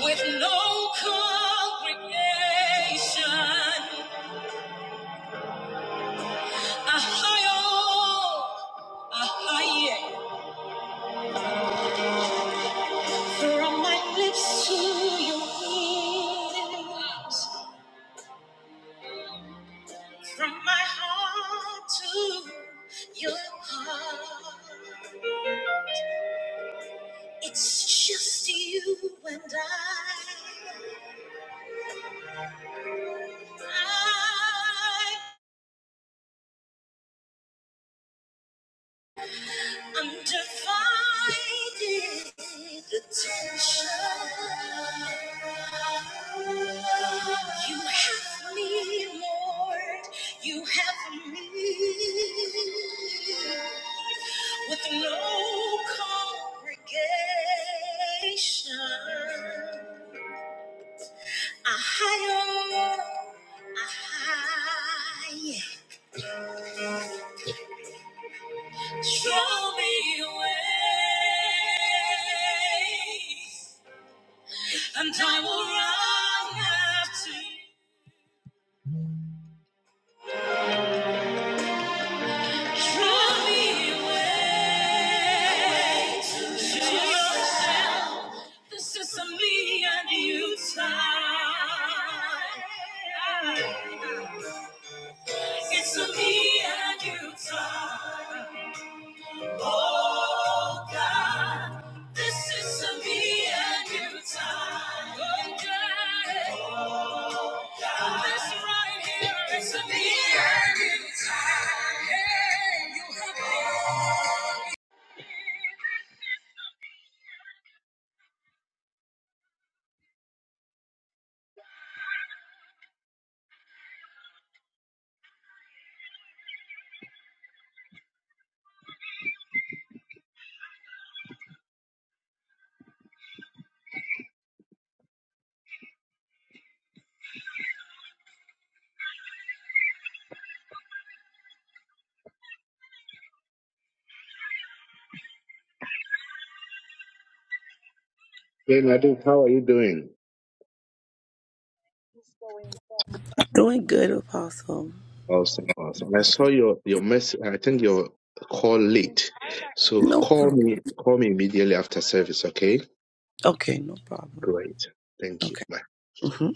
With no congregation, Ahio, Ahio. From my lips to your ears, from my heart to your heart. It's just you and I. I Undivided attention. You have me, Lord. You have me. with no congregation. A higher, a higher. Show me your way. And I will run after you. Draw me away to yourself. This is a me and you time. It's a me and you time. Oh God, this is a me and you time. Oh God. Hey, Nadu, how are you doing? Doing good, Apostle. Awesome, awesome. I saw your your message. I think your call late, so No. call me call me immediately after service. Okay, Okay, no problem. great. Thank you. Okay. Bye. hmm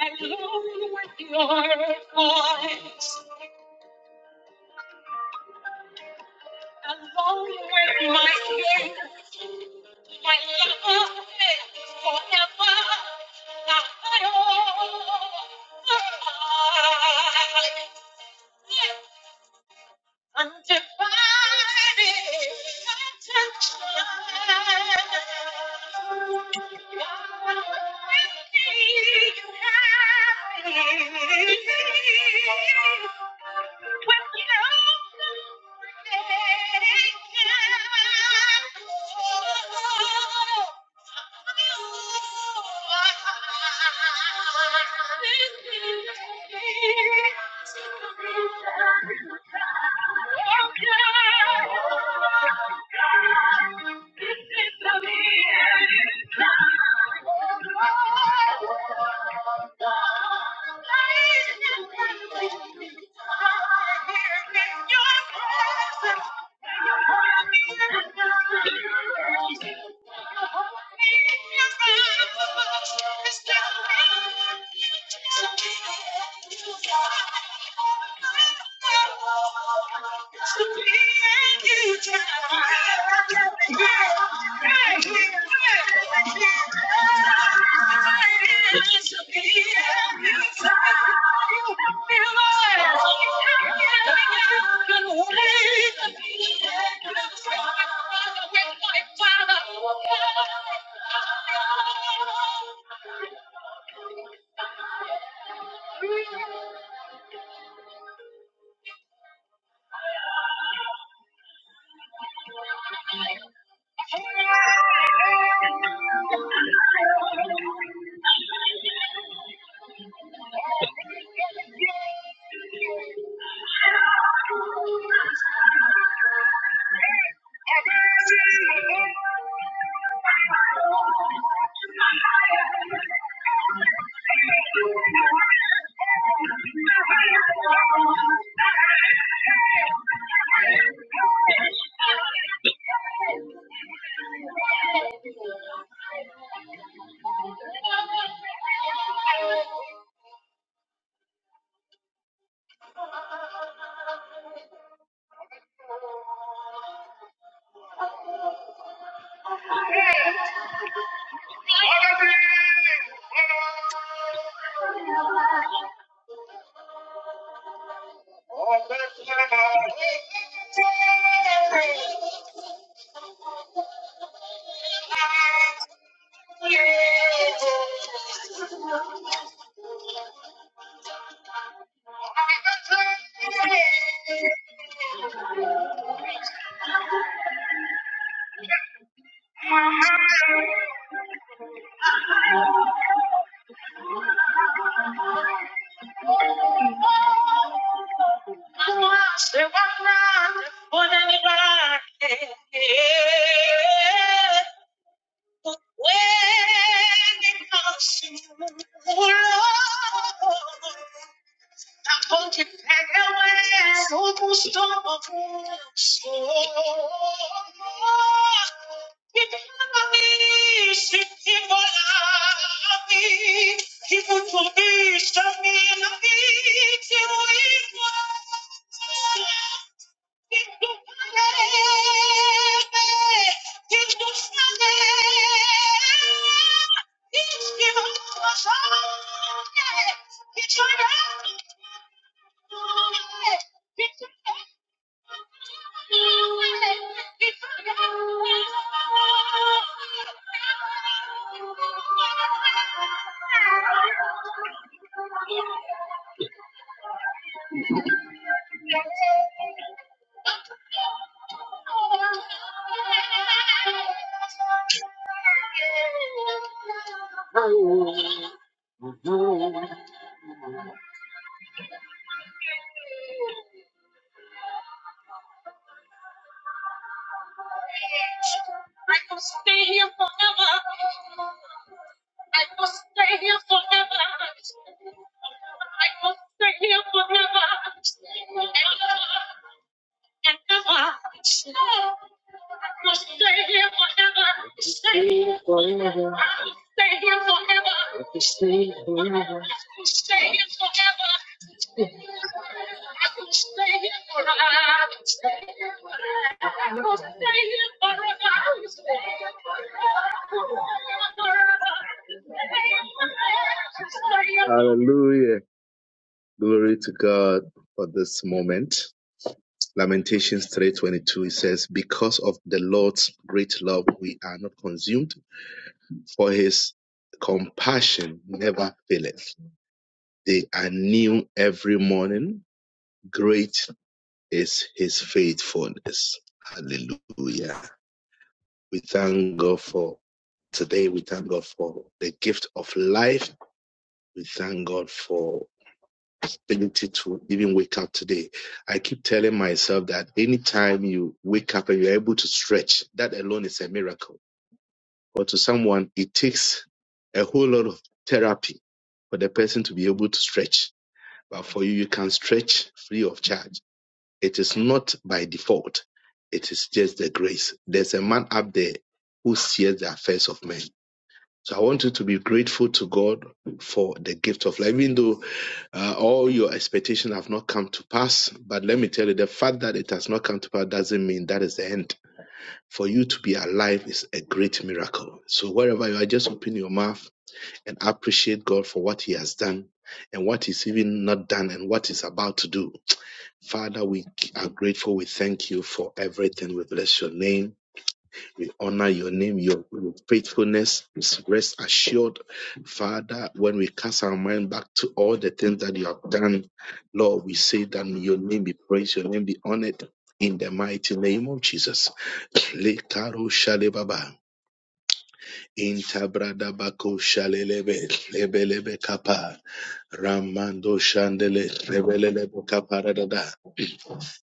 Alone with your voice, alone with my Thank you this is the end. Father. When it comes to Aponte, pega o é, o custo que muito bicho me na vida, I Hallelujah. Glory to God for this moment. Lamentations 3:22 it says because of the Lord's great love we are not consumed for his compassion never faileth. They are new every morning. Great is his faithfulness. Hallelujah. We thank God for today we thank God for the gift of life. We thank God for opportunity to even wake up today. I keep telling myself that anytime you wake up and you're able to stretch, that alone is a miracle. But to someone, it takes a whole lot of therapy for the person to be able to stretch. But for you, you can stretch free of charge. It is not by default. It is just the grace. There's a man up there who sees the affairs of men. So I want you to be grateful to God for the gift of life, even though uh, all your expectations have not come to pass. But let me tell you, the fact that it has not come to pass doesn't mean that is the end. For you to be alive is a great miracle. So wherever you are, just open your mouth and appreciate God for what He has done and what is even not done and what is about to do. Father, we are grateful. We thank you for everything. We bless your name. We honor your name, your, your faithfulness is rest assured. Father, when we cast our mind back to all the things that you have done, Lord, we say that your name be praised, your name be honored in the mighty name of Jesus. Lekaro shalebaba, intabradabako shalelebe, lebelebe kapa, ramando shandele, lebelebe kaparadada,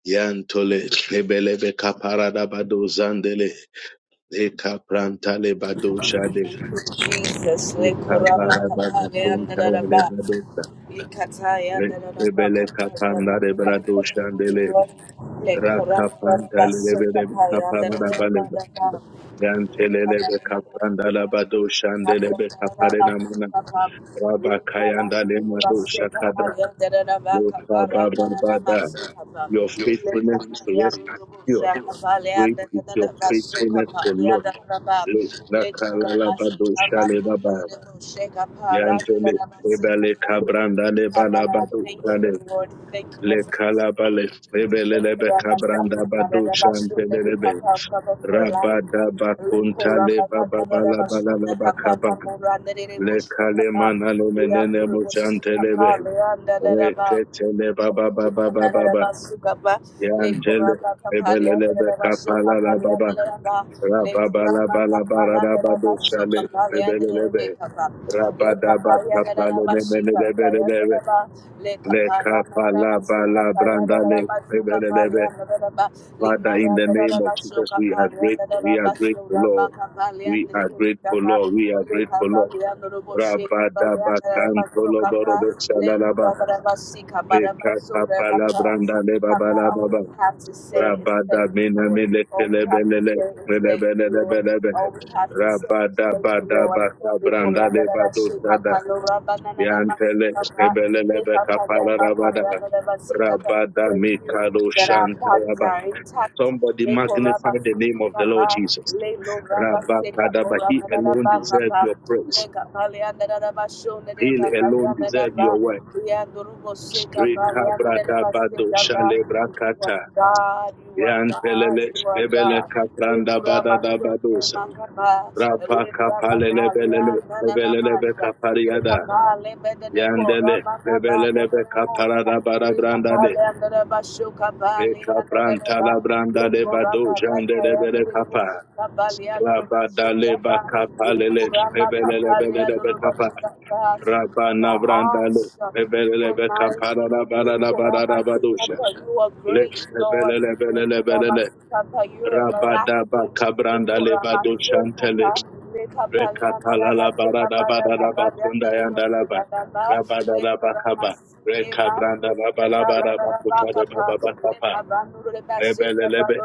yantole, lebelebe kaparadabado zandele. Eka pranta le bado shade. Thank you, Jesus. We Eka korama bara baba kapale konta le andaraba. bado sa. Ikataya Re- andaraba Rebele kapale kapanda le andaraba. brado shande le. Le korama Raka panta andaraba le le so kapale kapara da andaraba. bale. andaraba. Thank Yante le le kapanda la bado shande le be kapare na Raba kayanda le mado shakada. Le baba bada. Your faithfulness is rest assured. Great is your faithfulness, O Lord. Le- Raka la la bado shale baba. Yantole Ebele Cabranda le Balabadu you, Shale Lord. Thank you, Lord, Le for Calabale Ebele Lebe Cabranda Badu Shantele Lebe Rabada Bakunta Le Baba Bala Bala Laba Kaba Le Kalemana Le Menene Leandra Reketele Baba Baba Baba Baba Kanarabasukaba, Lake Yantele Ramba Kapalia, Ebele Lebe Narabaso Kapala Kapalia, Baba Naranga, Lake Ramba Kapala, Narabaso Rababalabalabarabadoshale, Kapalia, lebelelebe, Narakapa, Lake Kapalia, rabadabatlapale, Narabashi Kapaya, lebelelebelelebe, Naraba, Lake Kapana, Narabasu Kapaya, lekapalabalabrandale, Narabasu lebelelebe. Kapalia, Naraba, Father, Limara, in the name of Narabasu Jesus, we are Kapalia, grateful. We are Narabasu grateful, Ramba Lord. Kapalia, We are grateful, Lord. Narikapa We are grateful, all Lord. Rabadabatantoloborobe shalalaba, lekapapalabrandale, babalababa. we have to say is thank Rabada you, Lord. minamile All we have to kelebelele say is thank you, Lord. kelebelelebelebe. All we have to say is Rabada thank you, bada Lord. baka We branda le kurabara bado shika sada. palo rabana na na Yantele masuka pa kelebelelebe shika pale kapara papa rabada. Rabada Thank you mikado that our shanta bodies are rabada. intact. Somebody Beko raba magnify the name sika of the Lord papa, Jesus. lelo raba sika Rabakadaba, pora he manada alone ba deserves papa, your praise. leka palia nada ba shone He de kapalia alone nada deserves ba, your worship. ya durubo sika palia nada ba Rekabradabado sika ba. You are shalebrakata. God, you are God, Yantelele you are lebele God. Beko kapranda raba bada da shone badosa. mangaba, Rapa lebra kapale kapalia belele nana lebele lebe namasa. kapariada. Lekabale bedene Yandele lebele be kaparada bara branda de. Re kapranta la branda de bado jande lebele kapa. Rabada le kapale le belele lebele lebe kapa. Thank you. You Rabana are branda le awesome. lebele You are lebe mighty. kaparada bara da bara da badosha. Yekoramasitata, You are Le great, Lord. lebele belele belele Yekoramasitata, You are Rabadaba everlasting. Cabranda Lebado Yekoramasitata, Chantele Recapalala Barada Badaraba Kundayandaraba Lekabalyandarabasekabalakabalyandarabasigadaba, Rabadaba Kaba Yekoramasitata, Exalt Recabranda Rabalabaraba Kutade Baba Bakapa Rebelelebe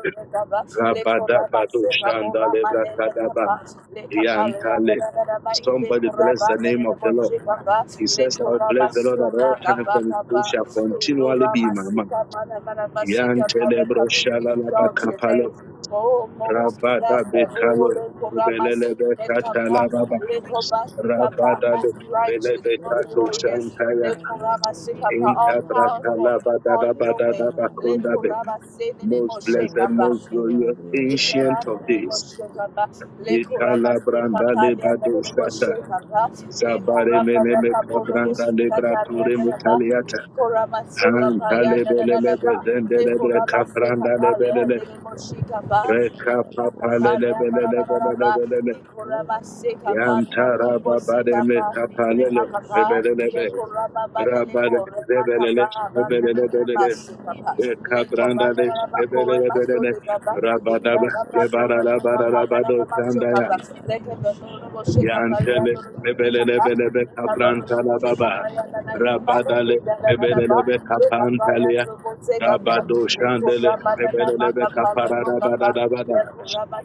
Rabadaba Dushanda Lebrakadaba Yantale. Somebody bless the name of the Lord. He says, I'll bless the Lord at all times and his praise shall continually be in my mouth. Yantele Broshala your Labacapale, name. Oh, most Rabada blessed, Bekalo, oh, Lekorama, Belelebe Le Nekapa, Katalababa, Lekobasi, mala Kapa, Rabada most righteous, Belebe bo most Kato glorious. Shankaya, shabala bala Lekuraba andara de Shekapa, all Inta kabala powerful, Brakalabada all Dabada knowing. Dabakundabe, Lekuraba Sedenemo most blessed, Shekapa. most glorious, ancient of Ikaranemo days, Shekapa. Lekuraba Mikala Sekapa, Brandale Bado Lianemo Shata, Shekapa. Zabare Lemuraba Meleme Dakaborobo Kabrandale Brature Sikatarianaba. Mutaliata, Lekuraba Sukapa, Antale Yananaba. Belelebe Zendelebe Lekuraba Sekapa, Kaprandale Belele, Lianemo bala Shekapa. Reka Thank Papa Lelebe bo Yantara babademe kapalele shabala rebelelebe rabade rebelele Le mala rebelelebelele bosha bala bala e bosha kabrandale bala bala rebelelebelele rabadaba lebaralabaralabado sandaya yantele you. rebelelebelebe Look kaprantala baba rabadale rebelelebe kapantalia rabado shandele rebelelebe kapararabadadabada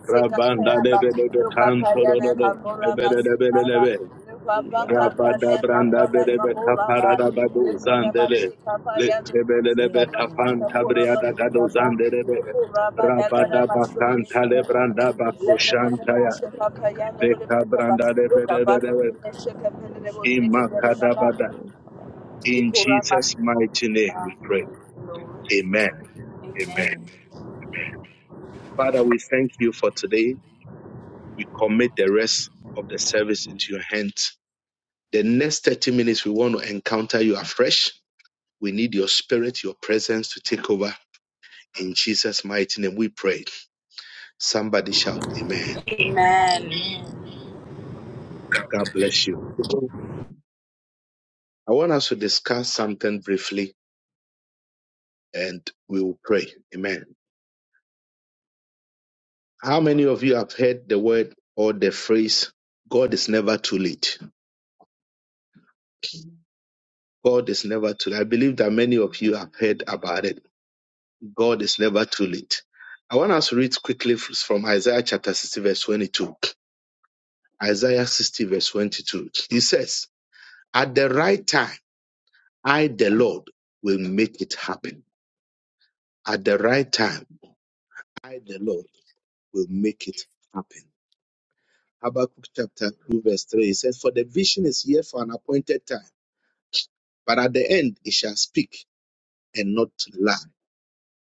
rabandalebelebe kantolololo bala rebelelebelelebe Rabada branda Rabadabranda belebe kaparabado zandele. up, Lebelebe kapan tabriada gado zandelebe. Rabadabakan talebranda bakoshantaya. kabala bala Bekabranda lebelebe. Lekabalabo shabalabo Imakadabada. shabalabo habalabalaba. In Jesus' mighty name we pray. Amen. Amen. Amen. Amen. Father, we thank you for today. We commit the rest of the service into your hands. The next 30 minutes, we want to encounter you afresh We need your spirit, your presence to take over. In Jesus' mighty name, we pray. Somebody shout, Amen. Amen. Amen. God bless you. I want us to discuss something briefly and we will pray. Amen. How many of you have heard the word or the phrase, God is never too late? God is never too late. I believe that many of you have heard about it. God is never too late. I want us to read quickly from Isaiah chapter 60, verse 22. Isaiah 60, verse 22. He says, At the right time, I, the Lord, will make it happen. At the right time, I, the Lord, will make it is happen. Habakkuk chapter 2, verse 3 it says, For the vision is here for an appointed time, but at the end it shall speak and not lie.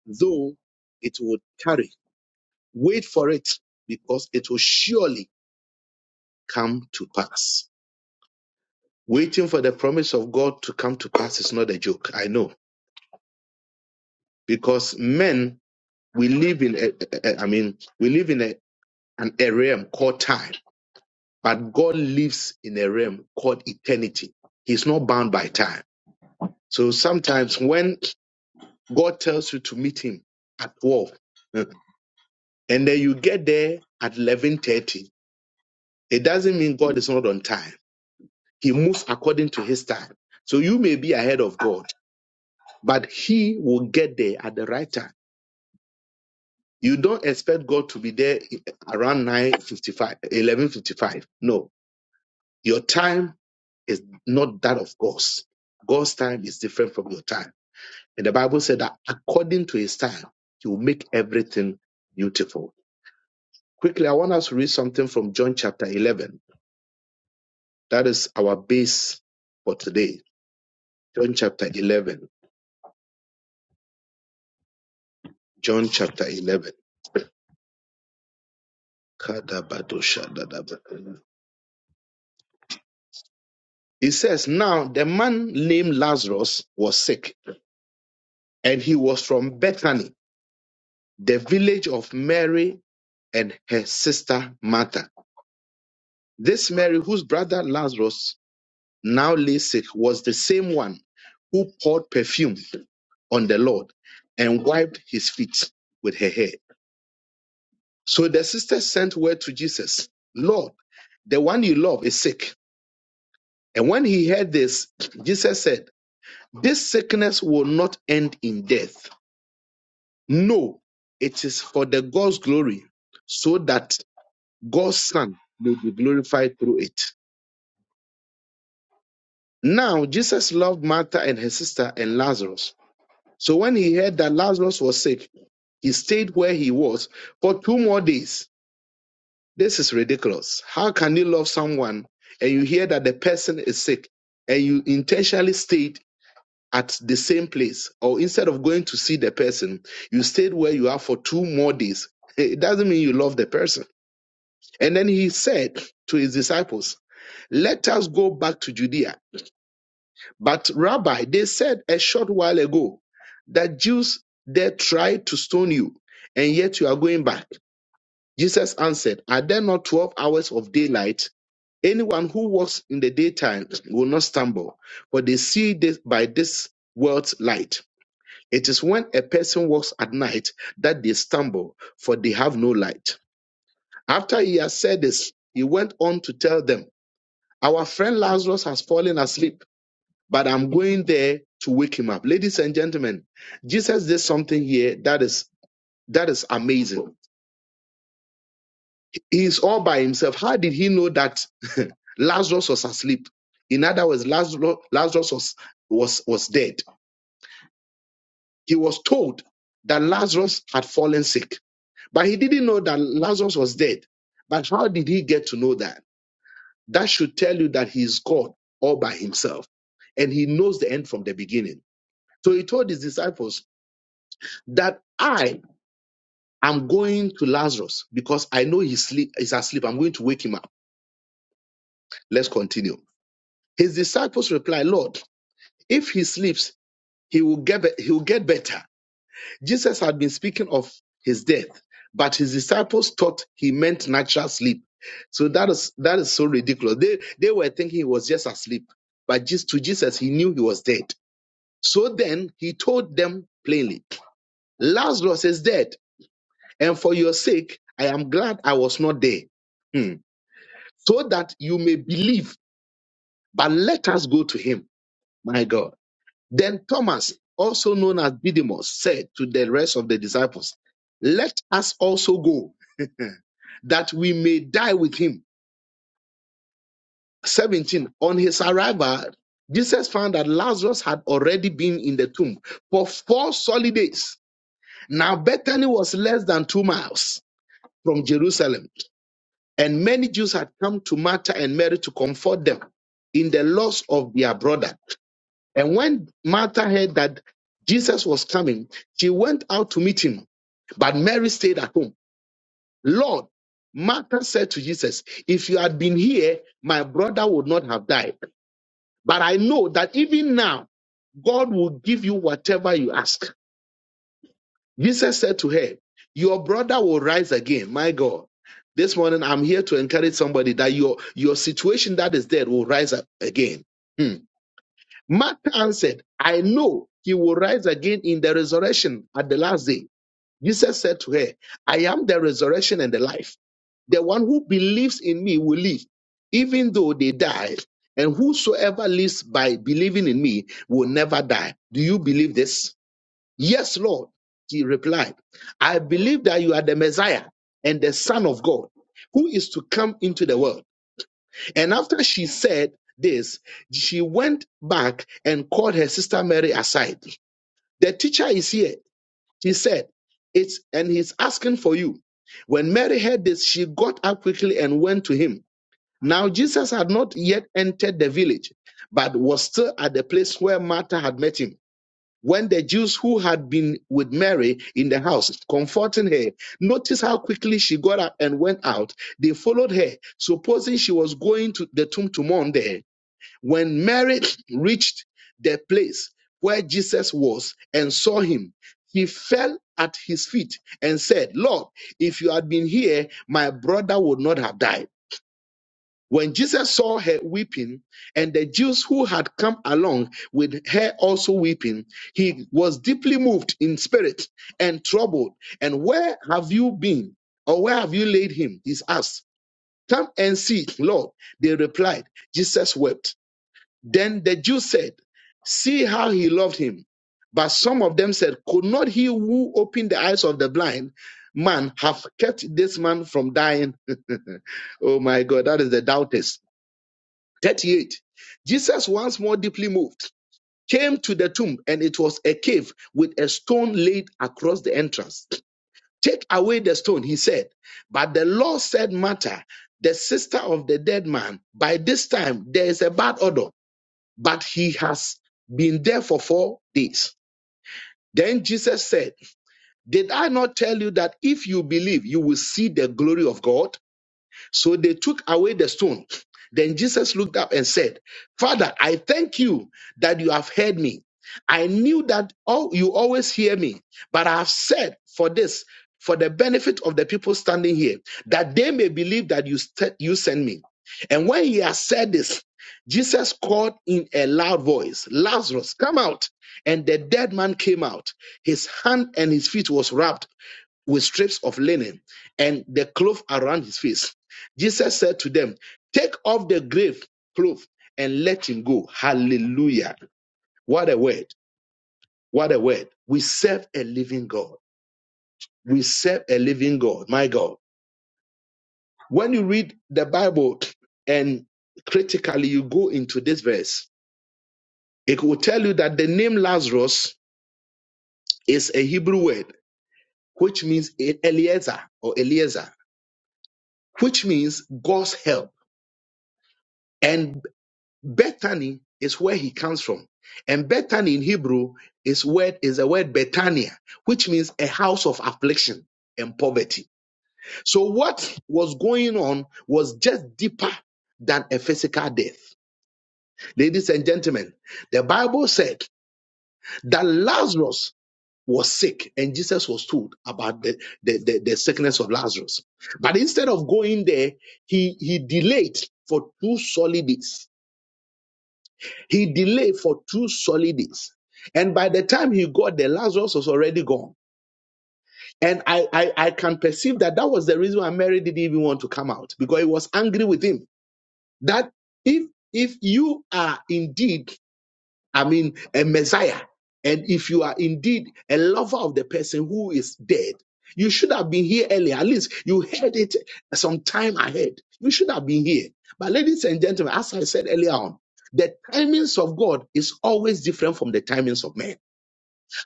Though it will tarry, wait for it, because it will surely come to pass. Waiting for the promise of God to come to pass is not a joke, I know, because men, we live in, a, a- a- I mean, we live in a, an a realm called time But God lives in a realm called eternity. He's not bound by time. So sometimes when God tells you to meet him at 12 eh, and then you get there at 11:30, it doesn't mean God is not on time. He moves according to his time. So you may be ahead of God, but he will get there at the right time. You don't expect God to be there around nine fifty-five, eleven fifty-five. No, Your time is not that of God's. God's time is different from your time. And the Bible said that according to his time, he will make everything beautiful. Quickly, I want us to read something from John chapter 11. That is our base for today. John chapter 11. John chapter 11. Kadabadoshadadaba. It says, Now the man named Lazarus was sick, and he was from Bethany, the village of Mary and her sister Martha. This Mary, whose brother Lazarus now lay sick, was the same one who poured perfume on the Lord and wiped his feet with her hair. So the sisters sent word to Jesus, Lord, the one you love is sick. And when he heard this, Jesus said, This sickness will not end in death. No, it is for the God's glory, so that God's Son may be glorified through it. Now, Jesus loved Martha and her sister and Lazarus. So when he heard that Lazarus was sick, he stayed where he was for two more days. This is ridiculous. How can you love someone and you hear that the person is sick and you intentionally stayed at the same place or instead of going to see the person, you stayed where you are for two more days? It doesn't mean you love the person. And then he said to his disciples, Let us go back to Judea. But Rabbi, they said a short while ago that Jews they tried to stone you, and yet you are going back. Jesus answered, Are there not twelve hours of daylight? Anyone who walks in the daytime will not stumble, for they see this by this world's light. It is when a person walks at night that they stumble, for they have no light. After he had said this, he went on to tell them, Our friend Lazarus has fallen asleep but I'm going there to wake him up. Ladies and gentlemen, Jesus did something here that is that is amazing. He's all by himself. How did he know that Lazarus was asleep? In other words, Lazarus, Lazarus was, was was dead. He was told that Lazarus had fallen sick, but he didn't know that Lazarus was dead. But how did he get to know that? That should tell you that he's God all by himself, and he knows the end from the beginning. So he told his disciples that I I'm going to Lazarus because I know he's, sleep, he's asleep. I'm going to wake him up. Let's continue. His disciples replied, Lord, if he sleeps, he will get, be- he will get better. Jesus had been speaking of his death, but his disciples thought he meant natural sleep. So that is, that is so ridiculous. They, they were thinking he was just asleep, but just to Jesus, he knew he was dead. So then he told them plainly, Lazarus is dead, and for your sake, I am glad I was not there. Hmm. so that you may believe. But let us go to him, my God. Then Thomas, also known as Didymus, said to the rest of the disciples, Let us also go, that we may die with him. 17. On his arrival, Jesus found that Lazarus had already been in the tomb for four solid days. Now, Bethany was less than two miles from Jerusalem, and many Jews had come to Martha and Mary to comfort them in the loss of their brother. And when Martha heard that Jesus was coming, she went out to meet him. But Mary stayed at home. Lord, Martha said to Jesus, If you had been here, my brother would not have died. But I know that even now, God will give you whatever you ask. Jesus said to her, Your brother will rise again. My God. This morning, I'm here to encourage somebody that your, your situation that is dead will rise up again. Hmm. Martha answered, I know he will rise again in the resurrection at the last day. Jesus said to her, I am the resurrection and the life. The one who believes in me will live, even though they die. And whosoever lives by believing in me will never die. Do you believe this? Yes, Lord. She replied, I believe that you are the Messiah and the Son of God who is to come into the world. And after she said this, she went back and called her sister Mary aside. The teacher is here. She said, It's and he's asking for you. When Mary heard this, she got up quickly and went to him. Now Jesus had not yet entered the village, but was still at the place where Martha had met him. When the Jews who had been with Mary in the house, comforting her, noticed how quickly she got up and went out, they followed her, supposing she was going to the tomb to mourn there. When Mary reached the place where Jesus was and saw him, she fell at his feet and said, Lord, if you had been here, my brother would not have died. When Jesus saw her weeping, and the Jews who had come along with her also weeping, he was deeply moved in spirit and troubled. And where have you been? Or where have you laid him? He asked. Come and see, Lord. They replied, Jesus wept. Then the Jews said, See how he loved him. But some of them said, Could not he who opened the eyes of the blind man have kept this man from dying? oh my God, that is the doubters. 38. Jesus, once more deeply moved, came to the tomb, and it was a cave with a stone laid across the entrance. Take away the stone, he said. But the Lord said, Martha, the sister of the dead man, by this time there is a bad odor but he has been there for four days. Then Jesus said, Did I not tell you that if you believe, you will see the glory of God? So they took away the stone. Then Jesus looked up and said, Father, I thank you that you have heard me. I knew that all, you always hear me, but I have said for this, for the benefit of the people standing here, that they may believe that you, st- you sent me. And when he had said this, Jesus called in a loud voice, Lazarus, come out. And the dead man came out. His hand and his feet was wrapped with strips of linen and the cloth around his face. Jesus said to them, Take off the grave cloth and let him go. Hallelujah. What a word. What a word. We serve a living God. We serve a living God. My God. When you read the Bible and critically you go into this verse, it will tell you that the name Lazarus is a Hebrew word, which means Eliezer or Eliezer, which means God's help. and Bethany is where he comes from. And Bethany in Hebrew is word is the word Bethania, which means a house of affliction and poverty. So what was going on was just deeper than a physical death. Ladies and gentlemen, the Bible said that Lazarus was sick and Jesus was told about the, the, the, the sickness of Lazarus. But instead of going there, he, he delayed for two solid days He delayed for two solid days. And by the time he got there, Lazarus was already gone. And I, I, I can perceive that that was the reason why Mary didn't even want to come out because he was angry with him. That if if you are indeed I mean, a Messiah. And if you are indeed a lover of the person who is dead, you should have been here earlier. At least you heard it some time ahead. You should have been here. But, ladies and gentlemen, as I said earlier on, the timings of God is always different from the timings of men.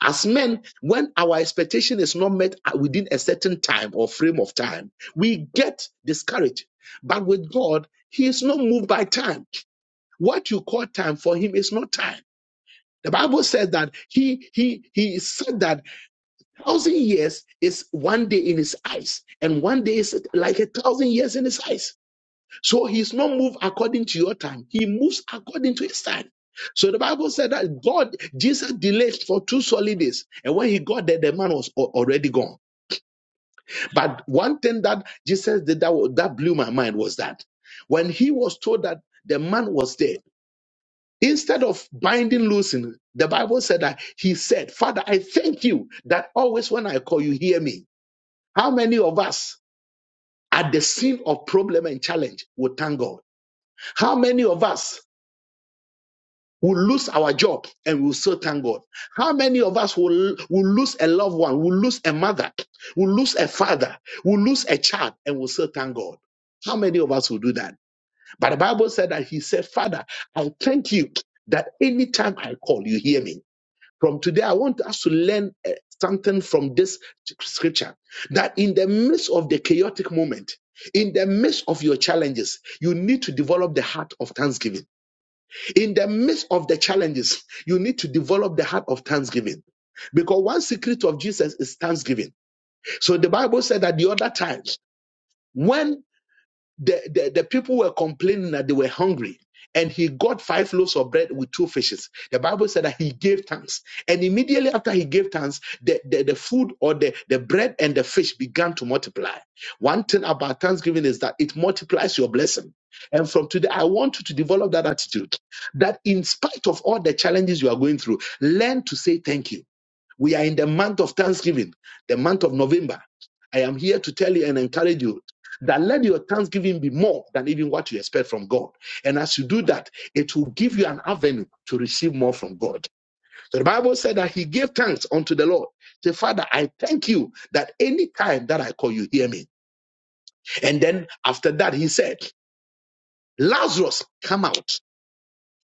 As men, when our expectation is not met within a certain time or frame of time, we get discouraged. But with God, He is not moved by time. What you call time for Him is not time. The Bible says that he he he said that thousand years is one day in his eyes, and one day is like a thousand years in his eyes. So he's not moved according to your time; he moves according to his time. So the Bible said that God Jesus delayed for two solid days, and when he got there, the man was al- already gone. But one thing that Jesus did that wa- that blew my mind was that when he was told that the man was dead Instead of binding, loosing, the Bible said that he said, Father, I thank you that always when I call you, hear me. How many of us at the scene of problem and challenge will thank God? How many of us will lose our job and will still thank God? How many of us will, will lose a loved one, will lose a mother, will lose a father, will lose a child and will still thank God? How many of us will do that? But the Bible said that he said, Father, I thank you that anytime I call, you hear me. From today, I want us to learn eh, something from this scripture that in the midst of the chaotic moment, in the midst of your challenges, you need to develop the heart of thanksgiving. In the midst of the challenges, you need to develop the heart of thanksgiving. Because one secret of Jesus is thanksgiving. So the Bible said that the other times, when the, the, the people were complaining that they were hungry. And he got five loaves of bread with two fishes. The Bible said that he gave thanks. And immediately after he gave thanks, the, the, the food or the, the bread and the fish began to multiply. One thing about thanksgiving is that it multiplies your blessing. And from today, I want you to develop that attitude that in spite of all the challenges you are going through, learn to say thank you we are in the month of Thanksgiving, the month of November. I am here to tell you and encourage you that let your thanksgiving be more than even what you expect from God. And as you do that, it will give you an avenue to receive more from God. So the Bible said that he gave thanks unto the Lord. Say, Father, I thank you that any time that I call you, hear me. And then after that, he said, Lazarus, come out.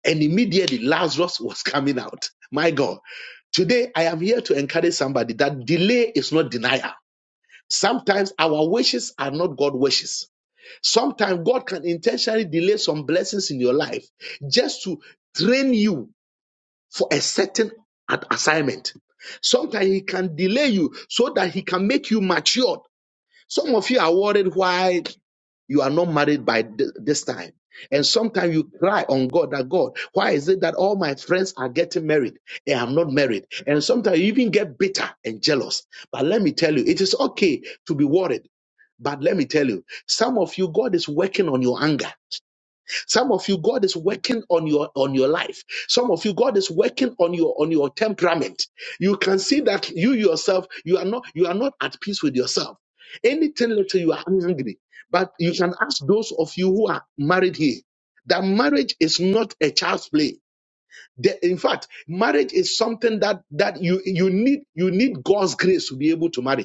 And immediately Lazarus was coming out. My God. Today, I am here to encourage somebody that delay is not denial. Sometimes our wishes are not God wishes. Sometimes God can intentionally delay some blessings in your life just to train you for a certain a- assignment. Sometimes He can delay you so that He can make you matured some of you are worried why you are not married by th- this time. And sometimes you cry on God that God, why is it that all my friends are getting married and I'm not married? And sometimes you even get bitter and jealous. But let me tell you, it is okay to be worried. But let me tell you, some of you, God is working on your anger. Some of you, God is working on your on your life. Some of you, God is working on your on your temperament. You can see that you yourself, you are not you are not at peace with yourself. Anything little you are angry. But you can ask those of you who are married here that marriage is not a child's play. The- in fact, marriage is something that that you you need you need God's grace to be able to marry.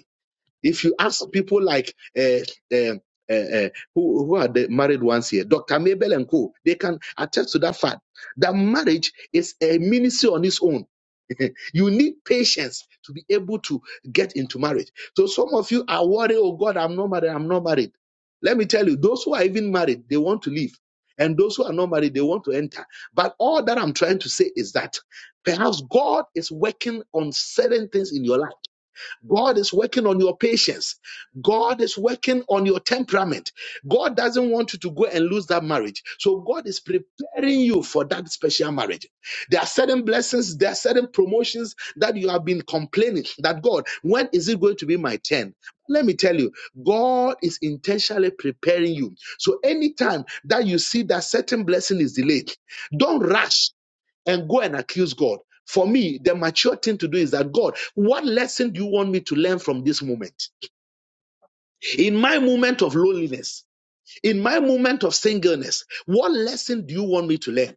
If you ask people like uh, uh, uh, uh, who, who are the married ones here, Dr. Mabel and Co., they can attest to that fact that marriage is a ministry on its own. you need patience to be able to get into marriage. So some of you are worried, oh God, I'm not married, I'm not married. Let me tell you, those who are even married, they want to leave. And those who are not married, they want to enter. But all that I'm trying to say is that perhaps God is working on certain things in your life God is working on your patience. God is working on your temperament. God doesn't want you to go and lose that marriage. So God is preparing you for that special marriage. There are certain blessings, there are certain promotions that you have been complaining that God, when is it going to be my turn? Let me tell you, God is intentionally preparing you. So anytime that you see that certain blessing is delayed, don't rush and go and accuse God. For me, the mature thing to do is that God, what lesson do you want me to learn from this moment? In my moment of loneliness, in my moment of singleness, what lesson do you want me to learn?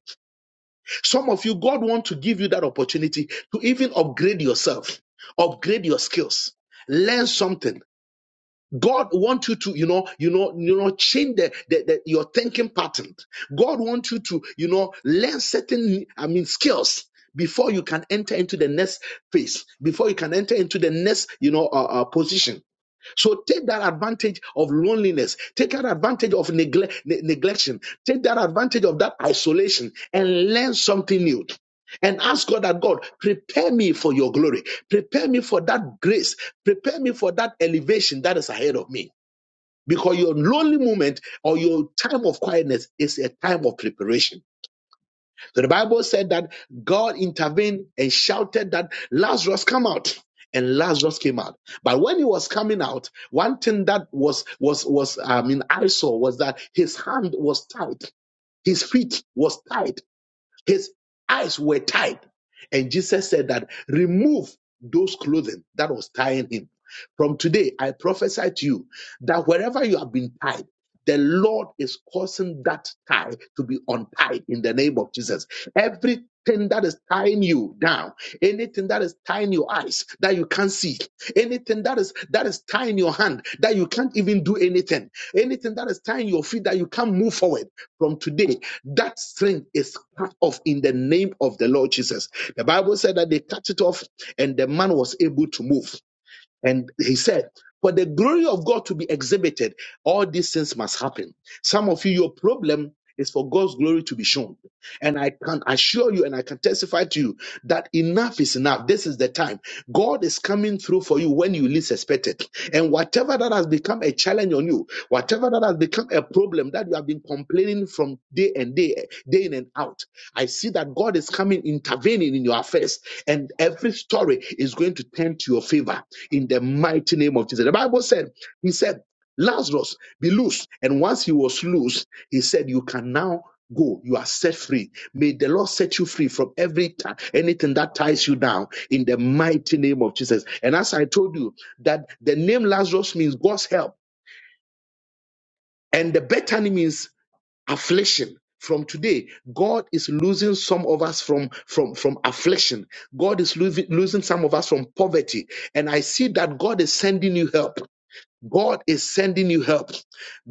Some of you, God wants to give you that opportunity to even upgrade yourself, upgrade your skills, learn something. God wants you to, you know, you know, you know, change the, the, the your thinking pattern. God wants you to, you know, learn certain, I mean, skills before you can enter into the next phase, before you can enter into the next, you know, uh, uh, position. So take that advantage of loneliness. Take that advantage of neglect, ne- neglection. Take that advantage of that isolation and learn something new. And ask God that God prepare me for your glory. Prepare me for that grace. Prepare me for that elevation that is ahead of me. Because your lonely moment or your time of quietness is a time of preparation. So the Bible said that God intervened and shouted that Lazarus come out. And Lazarus came out. But when he was coming out, one thing that was was was I mean I saw was that his hand was tied, his feet was tied. His eyes were tied. And Jesus said that remove those clothing that was tying him. From today, I prophesy to you that wherever you have been tied, the Lord is causing that tie to be untied in the name of Jesus. Every Everything that is tying you down, anything that is tying your eyes that you can't see, anything that is that is tying your hand that you can't even do anything, anything that is tying your feet that you can't move forward. From today, that string is cut off in the name of the Lord Jesus. The Bible said that they cut it off and the man was able to move. And he said, For the glory of God to be exhibited, all these things must happen. Some of you, your problem is for God's glory to be shown. And I can assure you and I can testify to you that enough is enough. This is the time. God is coming through for you when you least expect it. And whatever that has become a challenge on you, whatever that has become a problem that you have been complaining from day and day, day in and out, I see that God is coming intervening in your affairs and every story is going to turn to your favor in the mighty name of Jesus. The Bible said, He said, Lazarus, be loose. And once he was loose, he said, You can now go. You are set free. May the Lord set you free from every ti- anything that ties you down in the mighty name of Jesus. And as I told you, that the name Lazarus means God's help, and the Bethany means affliction. From today, God is losing some of us from from from affliction. God is losing, losing some of us from poverty. And I see that God is sending you help. God is sending you help.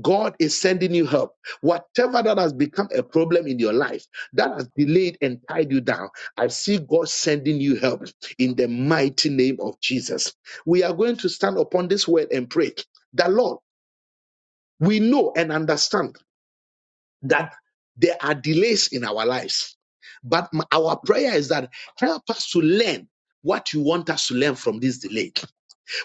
God is sending you help. Whatever that has become a problem in your life, that has delayed and tied you down, I see God sending you help in the mighty name of Jesus. We are going to stand upon this word and pray that, Lord, we know and understand that there are delays in our lives. But m- our prayer is that help us to learn what you want us to learn from this delay.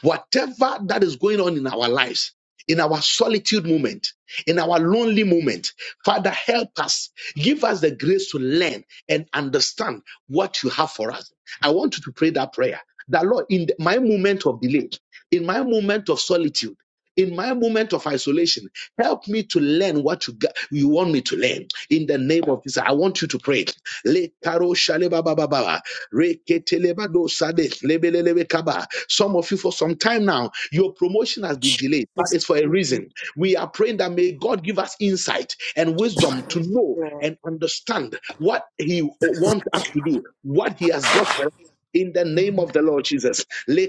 Whatever that is going on in our lives, in our solitude moment, in our lonely moment, Father, help us. Give us the grace to learn and understand what you have for us. I want you to pray that prayer. That Lord, in my moment of delay, in my moment of solitude, in my moment of isolation, help me to learn what you, got, you want me to learn. In the name of Jesus, I want you to pray. Le karo shale ba ba ba ba. Reketelebado sade, lebelelebe kaba. Some of you, for some time now, your promotion has been delayed. That Jesus, is for a name, reason. We are praying that may God give us insight and wisdom to know Lord. and understand what He wants us to do, what He has got for us. In the name of the Lord Jesus. Le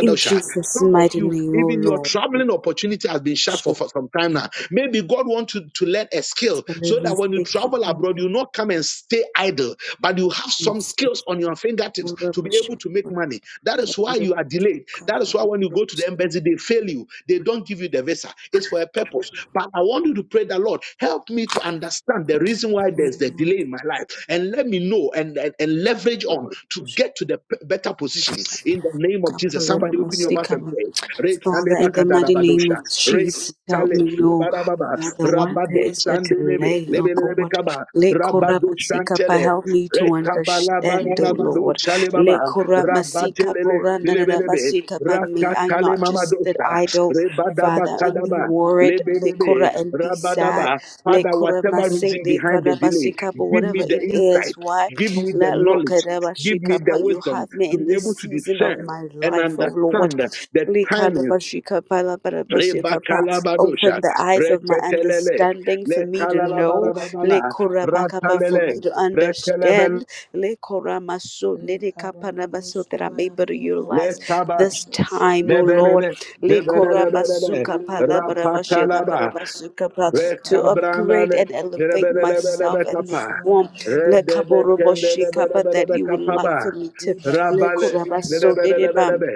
In Jesus' Some of mighty you, name, O even your Lord, we traveling opportunity has been shut for, worship. for some time now. Maybe God wants you to learn a skill so Hallelujah. that when you Thank travel abroad, you not come and stay idle, but you have some skills on your fingertips you, to be able to make Jesus. money. That is why Kebabosha, you are delayed. That is why when you go go to the kebabosha, embassy, they fail you. They don't give you the visa. It's for a purpose. But I want you to pray the Lord, help me to understand the reason why there's the delay in my life. And let me know and, and, and leverage on to kebabosha, get to the p- better position in the name of Jesus. Father, Somebody open your mouth and pray. Re- Kaleba in the mighty name of Re- Jesus, help Sale, me know, Lebarababa, Father, what there Rabado is a Sandelebe, delay, oh Lebelebe God. Kaba, Le Rabado korabasika pa, Shantele, help me to Rekabala understand, oh Baranabado Lord. Le Shalebaba, korabasika porana Rabatelele, rabasika pa, may I Rakatale not just sit Mamadosha, idle, Rebadaba Father, and be Kadaba, worried, le Lebedebe, kora and be sad, Rabadaba. le Father, whatever reason korabasi, le behind the delay, korabasika, but give whatever me the it is, insight, why? give me the Let look knowledge, at give me the Abashikapa. You wisdom have me to in be this able to season of discern my and life, oh Lord. understand the timing. Likarabashikapa, labarabashikapa. Rebakalabadosha, Open the eyes of my Retetelele, understanding for me to know. Le Lekalalabarabala, Korabakaba for me Ratalele, to Retelebele, understand. Le Koramaso Nene Lekabalabo Kapanabaso that I'm able to shabalabiyandara utilize Lekabash, this lekabalabo time, O shabalaba. Lord. Lebelele, Le Ayandara Lebelelebelele, Korabasuka lekabalabo Palabarabashika shabalaba. Rapakalaba, Parabasuka Pa to upgrade Rekabranale, Lekabalabalaba. and elevate myself Lemalabo and the jerebelebelebekapa, form. Le shabalabiyandara lekabalabo Kaboroboshika Pa that shabalabalaba. you would like for redebekendebelebelebekapaba, me to Le Libarabo Rabale, Korabaso shabalabalabalaba. Nene jerebelebelebe,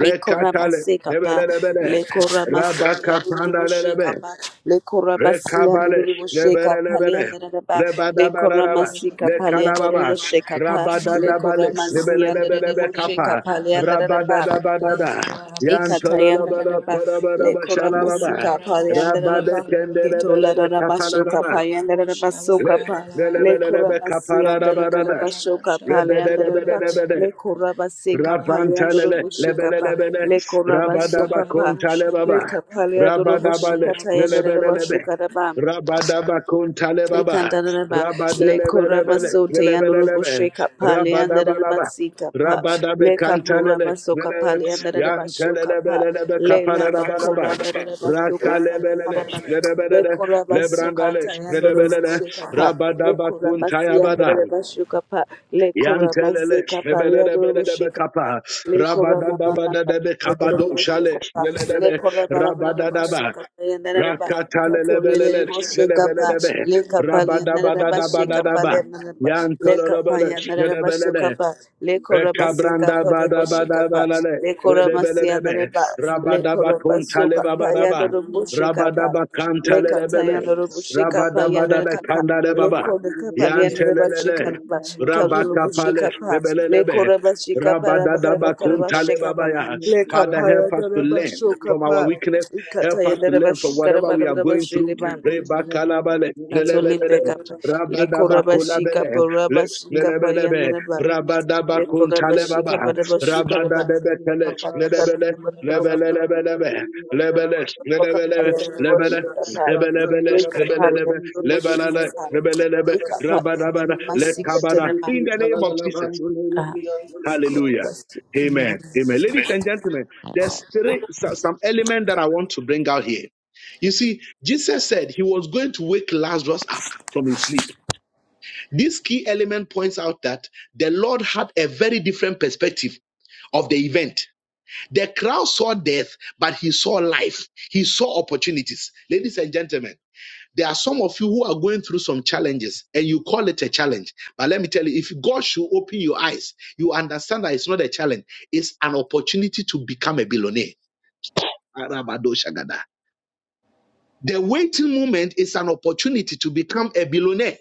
rekatale, Ikorabase kapa, jebelebele, Le korabasi andurubushe rabakapandalelebe, kapa, Le korabasi Rekabalesh, andurubushe kapa, Le lebelelebele, andaraba, Le Yandara rebadabarabas, Ikorabasekapa, lekoramasia, lekabalabalaba. lekanababa, ndururubashekapa, lekorabasiya, ndururubashekapa, leandararaba, lekoramasikapa, leandararubashekapa, Libarabo rabadadabale, lekoramasiya, lebelelebelebe shabalabiyandara kapa, ndururubashekapa, lekabalabalaba. leandararaba, rabadadabadada, Lekabalabo yantololoboro shabalabalabalaba. Ikatayandaraba, koroborobo Le shalababa, Lekoramasika, marabo shabala Payandaraba, bala bala bala bala, rabadekendelebelebe Ketolanaraba, le Shoka, kapararaba, barabo Payandaraba, le- shabala Sokapa, bala bala bala bala ba. lelebelelebe le kapararabarana, Lekoramasiandaraba, kabalabo Shoka, shabala bala bala Palayandaraba, bala bala rebedebedebede, bala le Lekorabasika, marabo Rapantalele, Palayandarobo, shabala bala Shikapa, bala lebelelebele, bala ba. le rabadaba Lekorabasoka, Pa, kabalabo shabala kontalebaba, bala Leka bala le Palayadobo, rabadabale, kabalabo Shikatayandaraba, shabala bala lelebelelebe, Shukarabam. rabadaba kontalebaba, Ikandaraba le koraba rabadelebelebele, sote yanurubu lelebelelebe, sheka pale yandaraba rabadabalaba, sika pa rabadabe le bala bala kantalele, kapuraba soka lele, bala pale bala bala ba. yandaraba shoka pa yantelelebelelebe le laba kapalalabalaba, koraba yandaraba shoka pale rakalebelele, Bo yandaraba shaba- le lelebelele, koraba soka lebrandale, ta yanurubu lelebelele, sheka pa le rabadaba koraba si kontayabada. yandaraba shoka pa le koraba Yantelele, seka pale shebelele, yanurubu belelebe sheka pa kapa, le koraba rabadadaba, mama dadebe, kabado, shale, shebelelebe, rabadadaba, rakatalele, belele, shebelelebe, le mar- Thank rabadaba, dadaba, dadaba, yantelele, bele, shebelelebe, Rekabranda bada bada bada redebelelebe, rabadaba kontale le babaraba, Le rabadaba kabalabo shabala le mar- marabo shabala bala bala bala bala bala bala bala bala kantalelebele, Lekatayana Rubushika rabadabada Payana Kapa. kandale baba, Leko the Kapaliana Rebashika yantelelele, Naba. rabakapale, Kaltulubushika Pa. Leko rebelelebe, Rebashika rabadadaba Parabakarabakaraba kuntale Shekapa. babaya. Leka Father, help Paya us to learn Rebashoka from our Pa. weakness. Help us you. Katayana to learn from Rebashika whatever we are going through. Thank Rabashiliban. Rebakalabale, Atoli lelebelele, Bekapa. Leko Rabashika rabadabakolabele, le- Parabashika Payana lelebelebe. Reba. Rabada Leko bakun Rabashika talebaba, Parabashika rabada Reba. Rabadabakuntalebaba, Rabadadebekele, Lebele, Lebele, lebele Lebele, Lebele, Lebele, lebele lebele lebele lebele Lebelelebe, Rabadabada, Lekabada. In Jesus, the name of Jesus. Hallelujah. Amen. Amen. Ladies and gentlemen, there's three, so- some element that I want to bring out here. You see, Jesus said he was going to wake Lazarus up from his sleep. This key element points out that the Lord had a very different perspective of the event. The crowd saw death, but he saw life. He saw opportunities. Ladies and gentlemen, there are some of you who are going through some challenges and you call it a challenge. But let me tell you, if God should open your eyes, you understand that it's not a challenge, it's an opportunity to become a billionaire. The waiting moment is an opportunity to become a billionaire.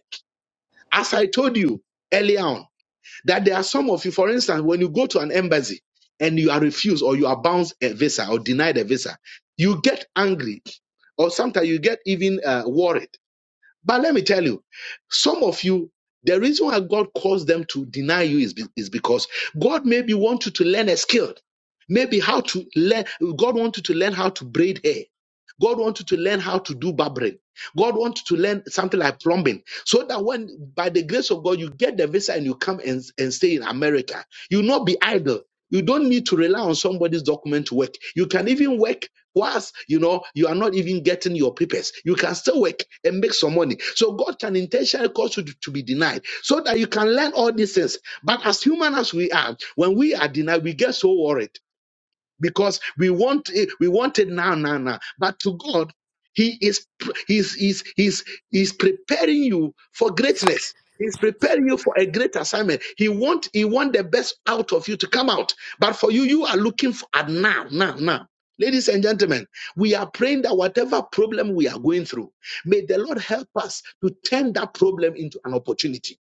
As I told you earlier on, That there are some of you, for instance, when you go to an embassy and you are refused or you are bounced a visa or denied a visa, you get angry or sometimes you get even uh, worried but let me tell you, some of you, the reason why God calls them to deny you is, be- is because God maybe want you to learn a skill. Maybe how to learn, God want you to learn how to braid hair. God want you to learn how to do barbering. God want you to learn something like plumbing. So that when, by the grace of God, you get the visa and you come and, and stay in America, you'll not be idle you don't need to rely on somebody's document to work. You can even work whilst you know you are not even getting your papers. You can still work and make some money. So God can intentionally cause you to, to be denied so that you can learn all these things. But as human as we are, when we are denied, we get so worried because we want it we want it now now now but to god he is pr- he's he's he's he's preparing you for greatness he's preparing you for a great assignment he want he want the best out of you to come out but for you you are looking for at now now now Ladies and gentlemen, we are praying that whatever problem we are going through, may the Lord help us to turn that problem into an opportunity.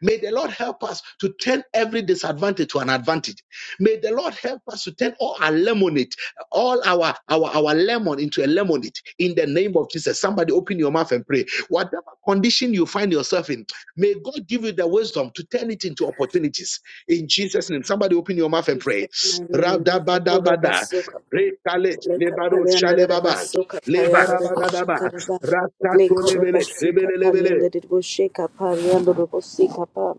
May the Lord help us to turn every disadvantage to an advantage. May the Lord help us to turn all our lemonade, all our our our lemon into a lemonade in the name of Jesus. Somebody open your mouth and pray. Whatever condition you find yourself in, may God give you the wisdom to turn it into opportunities. In Jesus' name, somebody open your mouth and pray. my name, Nakapura Rabadabadabada. Basukapa, Rekale, Lake lebaro, Palianada shalebaba. Basuka, Payanda Boshika, Lebarabadadaba. Lake Ratatolebele, Horabasika, lebelelebele. Palianda Boshika, Palianda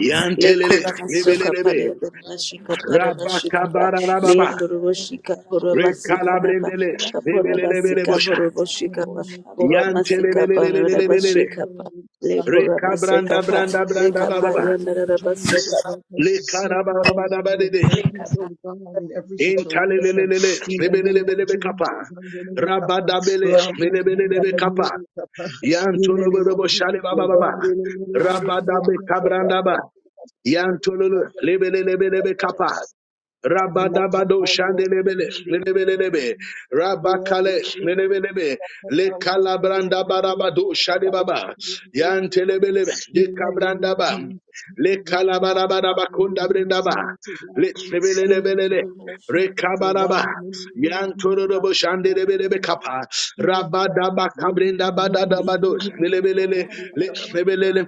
Yantelele, masoka lebelelebe. pale mashika para mashika pa Rabakabarababa. leandro you. boshika pora bala bala masika bala raba Rekalabrendele. bala bala. kapora In Lebelelebele the masika bosha. Lima pora boshika pa pora masika para raba Yantelelelelelelelele. shika pa lekura masika Rekabranda pa branda branda leka pa bababa. name yandara of raba Jesus, soka help us to see probability of Lekarabababababadede. purpose, oh God, in every situation. Intalelelelele. In the name of Lebelelebelebe kapa. Jesus, in the name of Rabadabele. in the Lebelelebe kapa. name of Papa, in the name of Yantorobobo shale Jesus, in bababa. Rabadabe kabrandaba. Yantololo. Lebelelebelebe kapa. in the Rabadabado shandelebele lelebelelebe rabakale lelebelebe le kalabranda barabado shadebaba yantelebelebe ye name kabranda of ba Jesus, le oh God, kalabarabara Father, we bakunda need brenda you ba more to God. le In the lebelelebelele name of Jesus, I'm Rekabaraba, in the name Yantororobo Shandelebelebe of Kappa, Rabadaba Kabrenda Badadabado, Jesus. Lelebelele, Le- Lebelele,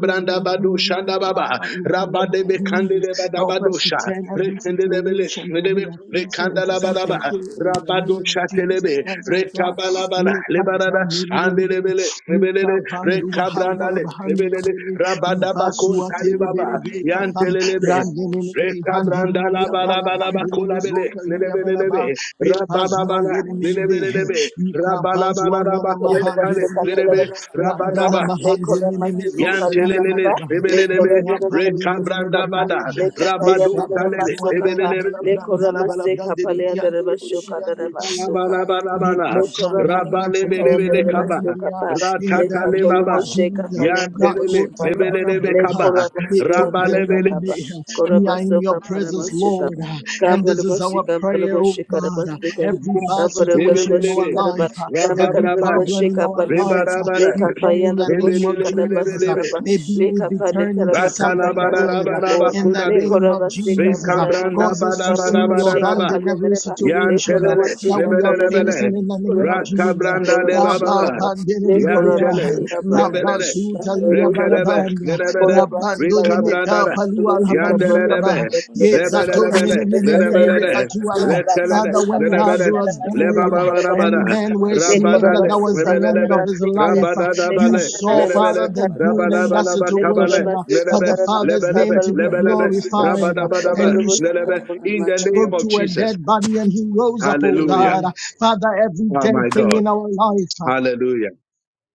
we need you, Bado mighty Shandababa, Father, In the name of Rabadebe Jesus, Candeleba Help us to Dabadosha, turn every Rekendelebele, situation that Redebe, we are facing into Rekandalabaraba, something good in the Rabado name of Jesus Shatelebe, Christ, oh God. Rekabalabala, Make up our Lebarada, name, name, name. Andelebele, Make Rebelele, up our new hand, all of Rekabrandale, our hand, Rebelele, name, name. We pass Rabadabakon through our tele, Talibaba, bele, be, kapa. Yantelelebe, Ran, name, name, name. Hand, name, name, name. Rekabrandala Bala, la barabalaba name, handa la name, de kolabele zota, kabala name, bala bala, bala bala. ba. lelebelelebe We pass through our rabababala Lebara name, name, bosha name, bara name. lelebelelebe bosha We can pass through our name, rabalabalaba name, lekura hand, kuntale name, masika name, pala name. lelebe raba soka Ran, raba name, name, hand, Le Lekha lekura name, name, bala masika zota, pala bosha bala name, yandara bala, Yantelele, raba ba. We lekura rebelelebe, can pass through our masika bala name, masika rekabranda name, name, pa bada, name. leka pa Ye rabado yandara raba talele, soka kapazuanda la pa rebelelebe, bala branda lekura la bala masika brande de pala briande yandara raba de soka briande raba alabalabalabala, bosha Lekora masika rabalebelebele tayandere kaba, mashuka Mekotandalabasundelebelebelebea. pa. In the ratatale Lekatolo name of baba, bosheka pa Jesus, lembro yantelele, bosheka pa. rebelelebe Rakotalabalabanda, kaba, Lekora masia nere rabalebele, makaba. Metodelebelebea. Kora we are in your masoka para presence, mashuka. Lord, and Kabara this is our bosheka kala prayer, oh bosheka re God. bosheka. Every bad Kabara kala situation in our bosheka rebelelebe, re ba. life, Kama kala every kala rababraba, problem in bosheka our pa life, nanda. rebarabara, we Leka pa pray in the yandere name of bosheka re Jesus. bosheka rebelelebelebelebe, pa. Maybe it Leka be pa bala turned lekara into bosheka something pa bala good help us ratalabarabaraba Lord. in the kudabe, name Mara Lekora of bosha masika pa Jesus. bara la bara nama. rekabranda Cause bala us bada to leka Kabara bada see bala your bada bosheka bala hand pa bada, in every yandere ba. leka situation Lekora bara Yantelele, that bosha masika we bara are pa beyandara lebelelebele, facing in the leka name bala of bosha Kolabasika, Jesus. bara bara rakabranda kolabashika, lebababa, le yantele, leyandara Rabambandelebelebeaha, kolabasika leka bara banaba, lebelele, bosha la bara beyandara rekelebe, kolabasika, leka Rabazutaliabalabanda, bala lebele, bara kolabasika laba, rikabrandada, la leka bara kolabasika bosha banaba, bara yandelelebe, Rabandonemekapalualabandiaba, bala la bosha bara kolabasika ka, lebelelebele, beyandara le leka kata bara yana bala la lebelele, basika Yezadonenenenenemekatuala. ba, rekelele, le Father, Lemara when kapa yana bosha lebele, la Lazarus bara basika died beyandara la lebababa leka rabada, and basika bosha men ba, were bara le seeing bala that rabadale, that leka was kolabasika the bara la end bara lebelelebe, of his basika ba, life, uh, le you rabadadabale, Lemara kata yana saw, la bosha lebele, Father, basika bara the bala la good in kapa, that bosha bara rabadabalaba le beyandara kabale, situation uh, leka kolabasika for lebele, the bala banaba, bara Father's lebelebe, name kapal to be Anything kapal lebelebe, basika that ba, is glorified. uh, in my life, And kapal rabadabadaba, you basika lebele, anything in banaba the basika. spoke name of to a Jesus. dead body and he rose up, oh Hallelujah. God. Amen. Father, every Oh dead my thing God. in our life, uh, Hallelujah.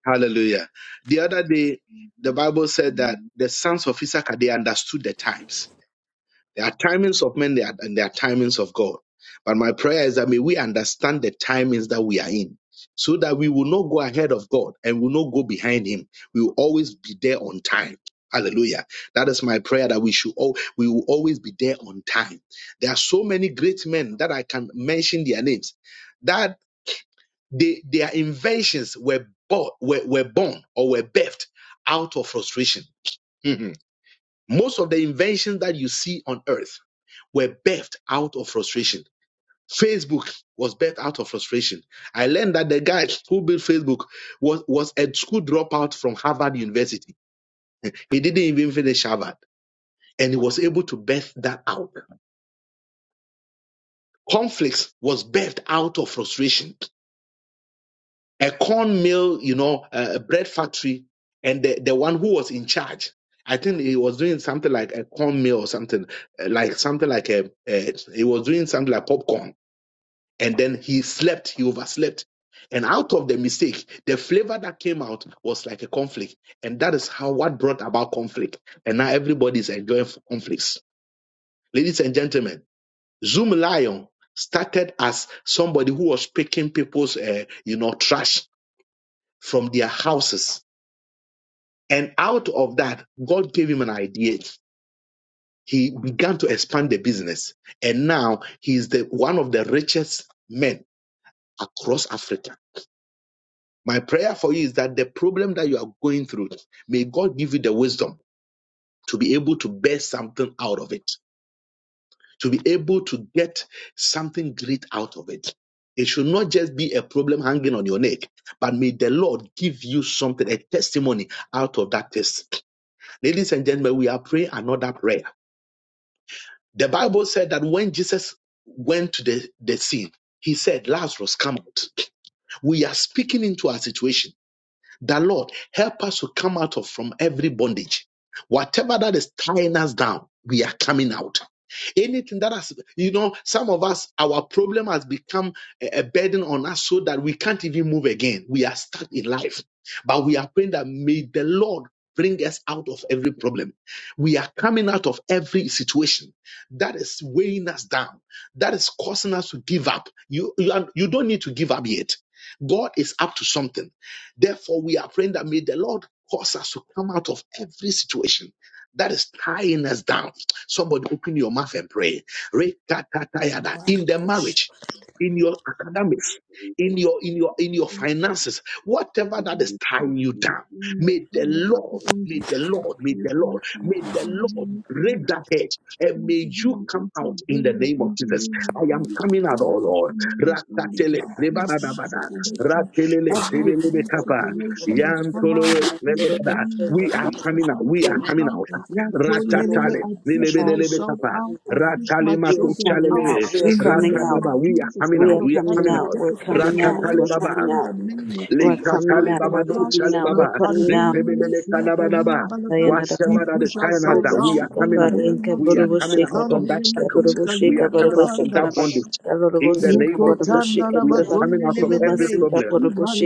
Hallelujah. The other day, the Bible said that the sons of Issachar, they understood the times. There are timings of men there are- and there are timings of God. But my prayer is that may we understand the timings that we are in so that we will not go ahead of God and will not go behind him. We will always be there on time. Hallelujah. That is my prayer that we should all we will always be there on time. There are so many great men that I can mention their names They, their inventions were, bought, were, were born or were birthed out of frustration. Mhm. Most of the inventions that you see on earth were birthed out of frustration. Facebook was birthed out of frustration. I learned that the guy who built Facebook was, was a school dropout from Harvard University. He didn't even finish Harvard and he was able to birth that out. Conflicts was birthed out of frustration. a corn mill, you know, a a bread factory, and the, the one who was in charge. I think he was doing something like a corn mill or something, uh, like something like a, a. He was doing something like popcorn, and then he slept. He overslept, and out of the mistake, the flavor that came out was like a conflict, and that is how what brought about conflict. And now everybody is enjoying conflicts, ladies and gentlemen. Zoom Lion started as somebody who was picking people's, uh, you know, trash from their houses. And out of that, God gave him an idea. He began to expand the business. And now he is the, one of the richest men across Africa. My prayer for you is that the problem that you are going through, may God give you the wisdom to be able to bear something out of it, to be able to get something great out of it. It should not just be a problem hanging on your neck, but may the Lord give you something, a testimony out of that test Ladies and gentlemen, we are praying another prayer. The Bible said that when Jesus went to the, the sea, he said, Lazarus, come out. We are speaking into our situation. That Lord, help us to come out of from every bondage. Whatever that is tying us down, we are coming out. Anything that has, you know, some of us, our problem has become a a burden on us so that we can't even move again. We are stuck in life. But we are praying that may the Lord bring us out of every problem. We are coming out of every situation that is weighing us down, that is causing us to give up. You, you, are, you don't need to give up yet. God is up to something. Therefore, we are praying that may the Lord cause us to come out of every situation that is tying us down. Somebody open your mouth and pray. Rekatatayada. In the marriage, in your academics, in your in your in your finances, whatever that is tying you down, may the Lord, may the Lord, may the Lord, may the Lord break that hedge and may you come out in the name of Jesus. I am coming out, oh Lord. Rakatele, Ratelele, telelebe kapa. Yantolo, lelebada. We are coming out. We are coming out. that is holding me to Ratatale. my son, coming out lelebelelebe of me, kapa. Amen. lay my Ratale We are mako rabosha, coming out. chalele. We are in the coming name out. of Ratadaba. We are Jesus, coming We are out out. of We are coming coming every lay out. out. We're my difficult coming rabosha, out. lay Ratatale We're situation, baba. coming in out. the name of We're Jesus coming Lekatale Christ, out. oh baba We're no God, coming chale my out. la baba. We're coming rabosha, out. pandemia me Lekpemele lay my sinta rabosha, lia kanabanaba. balaba. Sayonara. we Whatever that the push time has ourselves done, we out are Lekala in coming the Burubushikaba, out. name Lenka, of We are coming Jesus. out Burubushikaba, Ando from le that me shackles. sinta We lia Gaburubushika, are coming out from balaba. that Burubushikanaba, bondage. In the Gaburubushika, name of Jesus, Burubushika, Mikotandala we are Buruba, coming mazone out ne from mene me. every Kurubasika, problem.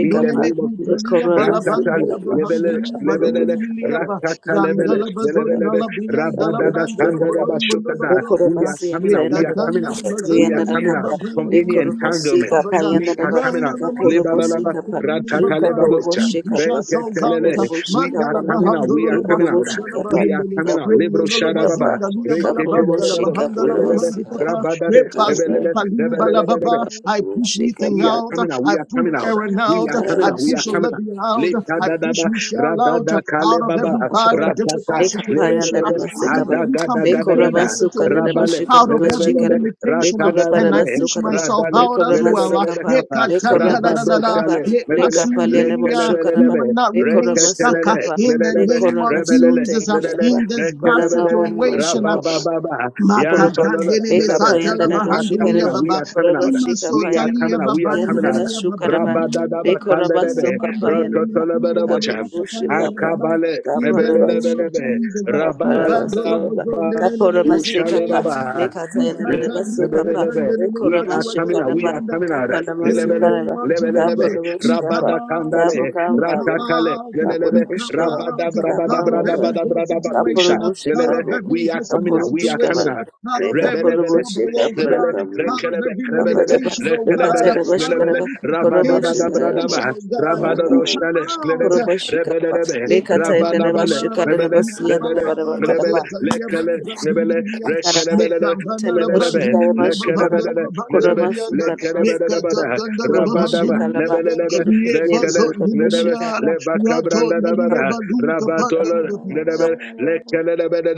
In the me name of Jesus, kutalia Likorama, Rakatale, balabangala Sikaraba, Lebele, bahandulu badinde Lebele, Burubushikaba, niliaba. Rakatalebele, Randala bazona Lebele, la briandala Rabadada, brandolo Shake up Tandeleba, bolombo lo Shokada. We brokta. are Lekorobosi and coming out, we are Tayanaba, coming Yekatanda la out, we bazana are Kayanada liya coming out Kappa, from babandili any liya. Lekorobosi entanglement. Kappa, Bada. We are Yanadaba, coming Randala out. Kaporobosi mazunda Kappa, liya Luka Ratatale baba. We babucha, Poroboshi push Kappa, ourselves out. Reketelele. Kaporoboshi We are Mandala Kappa, coming out. bahandolo We are lo coming out. Kaporoboshi bahandala Kappa, We are bahendele. coming out. Libro Rendolo Kaporoboshi lo Imala Imana Kappa, Shadababa. mazunda liya busha balabandala Kaporoboshi Reketelebedabo. barareka Kappa, bahandala Lelelebe. Nabasi barabara bahandika Kappa, Rabadabe. Imana busha Rebelele. barabara Rebelelebe. I barareka push barabara Kaporoboshi Ethan We are Kappa, out. coming Imana out. I We are push coming out. busha Aaron We out. barareka are coming I out. We Kaporoboshi push are Kappa, coming out. Olivia out. Leta I da da push da barareka ra Michelle da out. da busha Out kale of baba every bad leka ra Koroba, and ta ta difficult Lake barabusha lebe Paya, le and situation. le the Out of Masakaba, Imala ada every ga da bush, Lake ga busha complicated barabara Korabasuka, the situation. rabale Ramashika, Out the of lele every lele le Mashika, ra Lake limitation. ta da And I bele push ra Korabarabasuka, myself da le Lake out as lele well. lele lele Koramasika, kapa Lake rabado Koramasuka, shale lebe Lake le Apalia, le kele We Moshukaraba, lebe will not Lake re remain te te stuck le uh, le Korabasuka, in the Lake lebe name re of bele le Koramasote, Jesus uh, and the in Imana re this bad kele busha bele Korama le situation. rababa barareka Moshukapa. baba barabara Poroba yantololo Makatandene Leka lele Payanda mesatala Limala we Raba are coming bahandulia Shikaraba out we baba. are coming Poroba out Shika we are Payanda Raba coming Imasotalia out. We are Yanda coming out. Raba babandilia Shukaraba babandilia kata. Leko Raba Ya Rabadadabakandelebe, Soka bandene Payanda ne Raba makindene ne rototolebedebocha, Kaporobo akapani wala Shikaba baba. akabale, In the Kaporaba name of Shika mebelelebelebe, Jesus, we Kaparaba bandolo Sukaba bozondene ne Kaporaba akatala la Sekapa baba. rabadabakushalebaba, Leka Tayanda le- Raba Ikatandia Sukapa mebelelebe. katandene Leko ne We Raba are coming out. We Shikaraba are atuatala coming out. Kaparaba in the Lelebele, name Shikaraba of Jesus, lebelelebe, Kaporobo we come Shikaba out, Kapo rabadakandale, we come Kapaba ratatale, out, lelelebe, we Kaporobo come Shikaba out, out of Kapaba every bad rabadabrabadabrabadabradabakusha, situation, out Kaporobo lelele. of Shikaba every We are coming impossible out. We are Kapurushkaba, coming situation, out. out of every Rebelebele, trouble, oh rebele, God, Rekapurushkaparakam, out of rekelebe, every rebelele, Aparaba, limitation, oh God, Rekelebele, out of Lelebele, Lokatarabashkaraba, every complicated situation, Korobashkaraba, Rabadabadabradaba, oh God. We come Rabadodoshele, out, Lelebe, Kapurushkaraba, Rebelebe, Rabanabale, Rebele, Lekatarabashkaraba, Rebele, Rebele, Siyanabarabakaraba, Lekele, Thank Rebele, Ataraba, Rekelebele, Rebelebe, Tanabashkaraba, Shkaraba, Lekelebele, Lelebe, Korobashkaraba, Sikaraba, Lekelebelebada, Rabadaba, Korobashkaraba, Lebelebe, Korobashkaraba, Shkaraba, Shkaraba, Lekele, Lelebe, Lebakabrandabada, Rabatolo, Lelebe,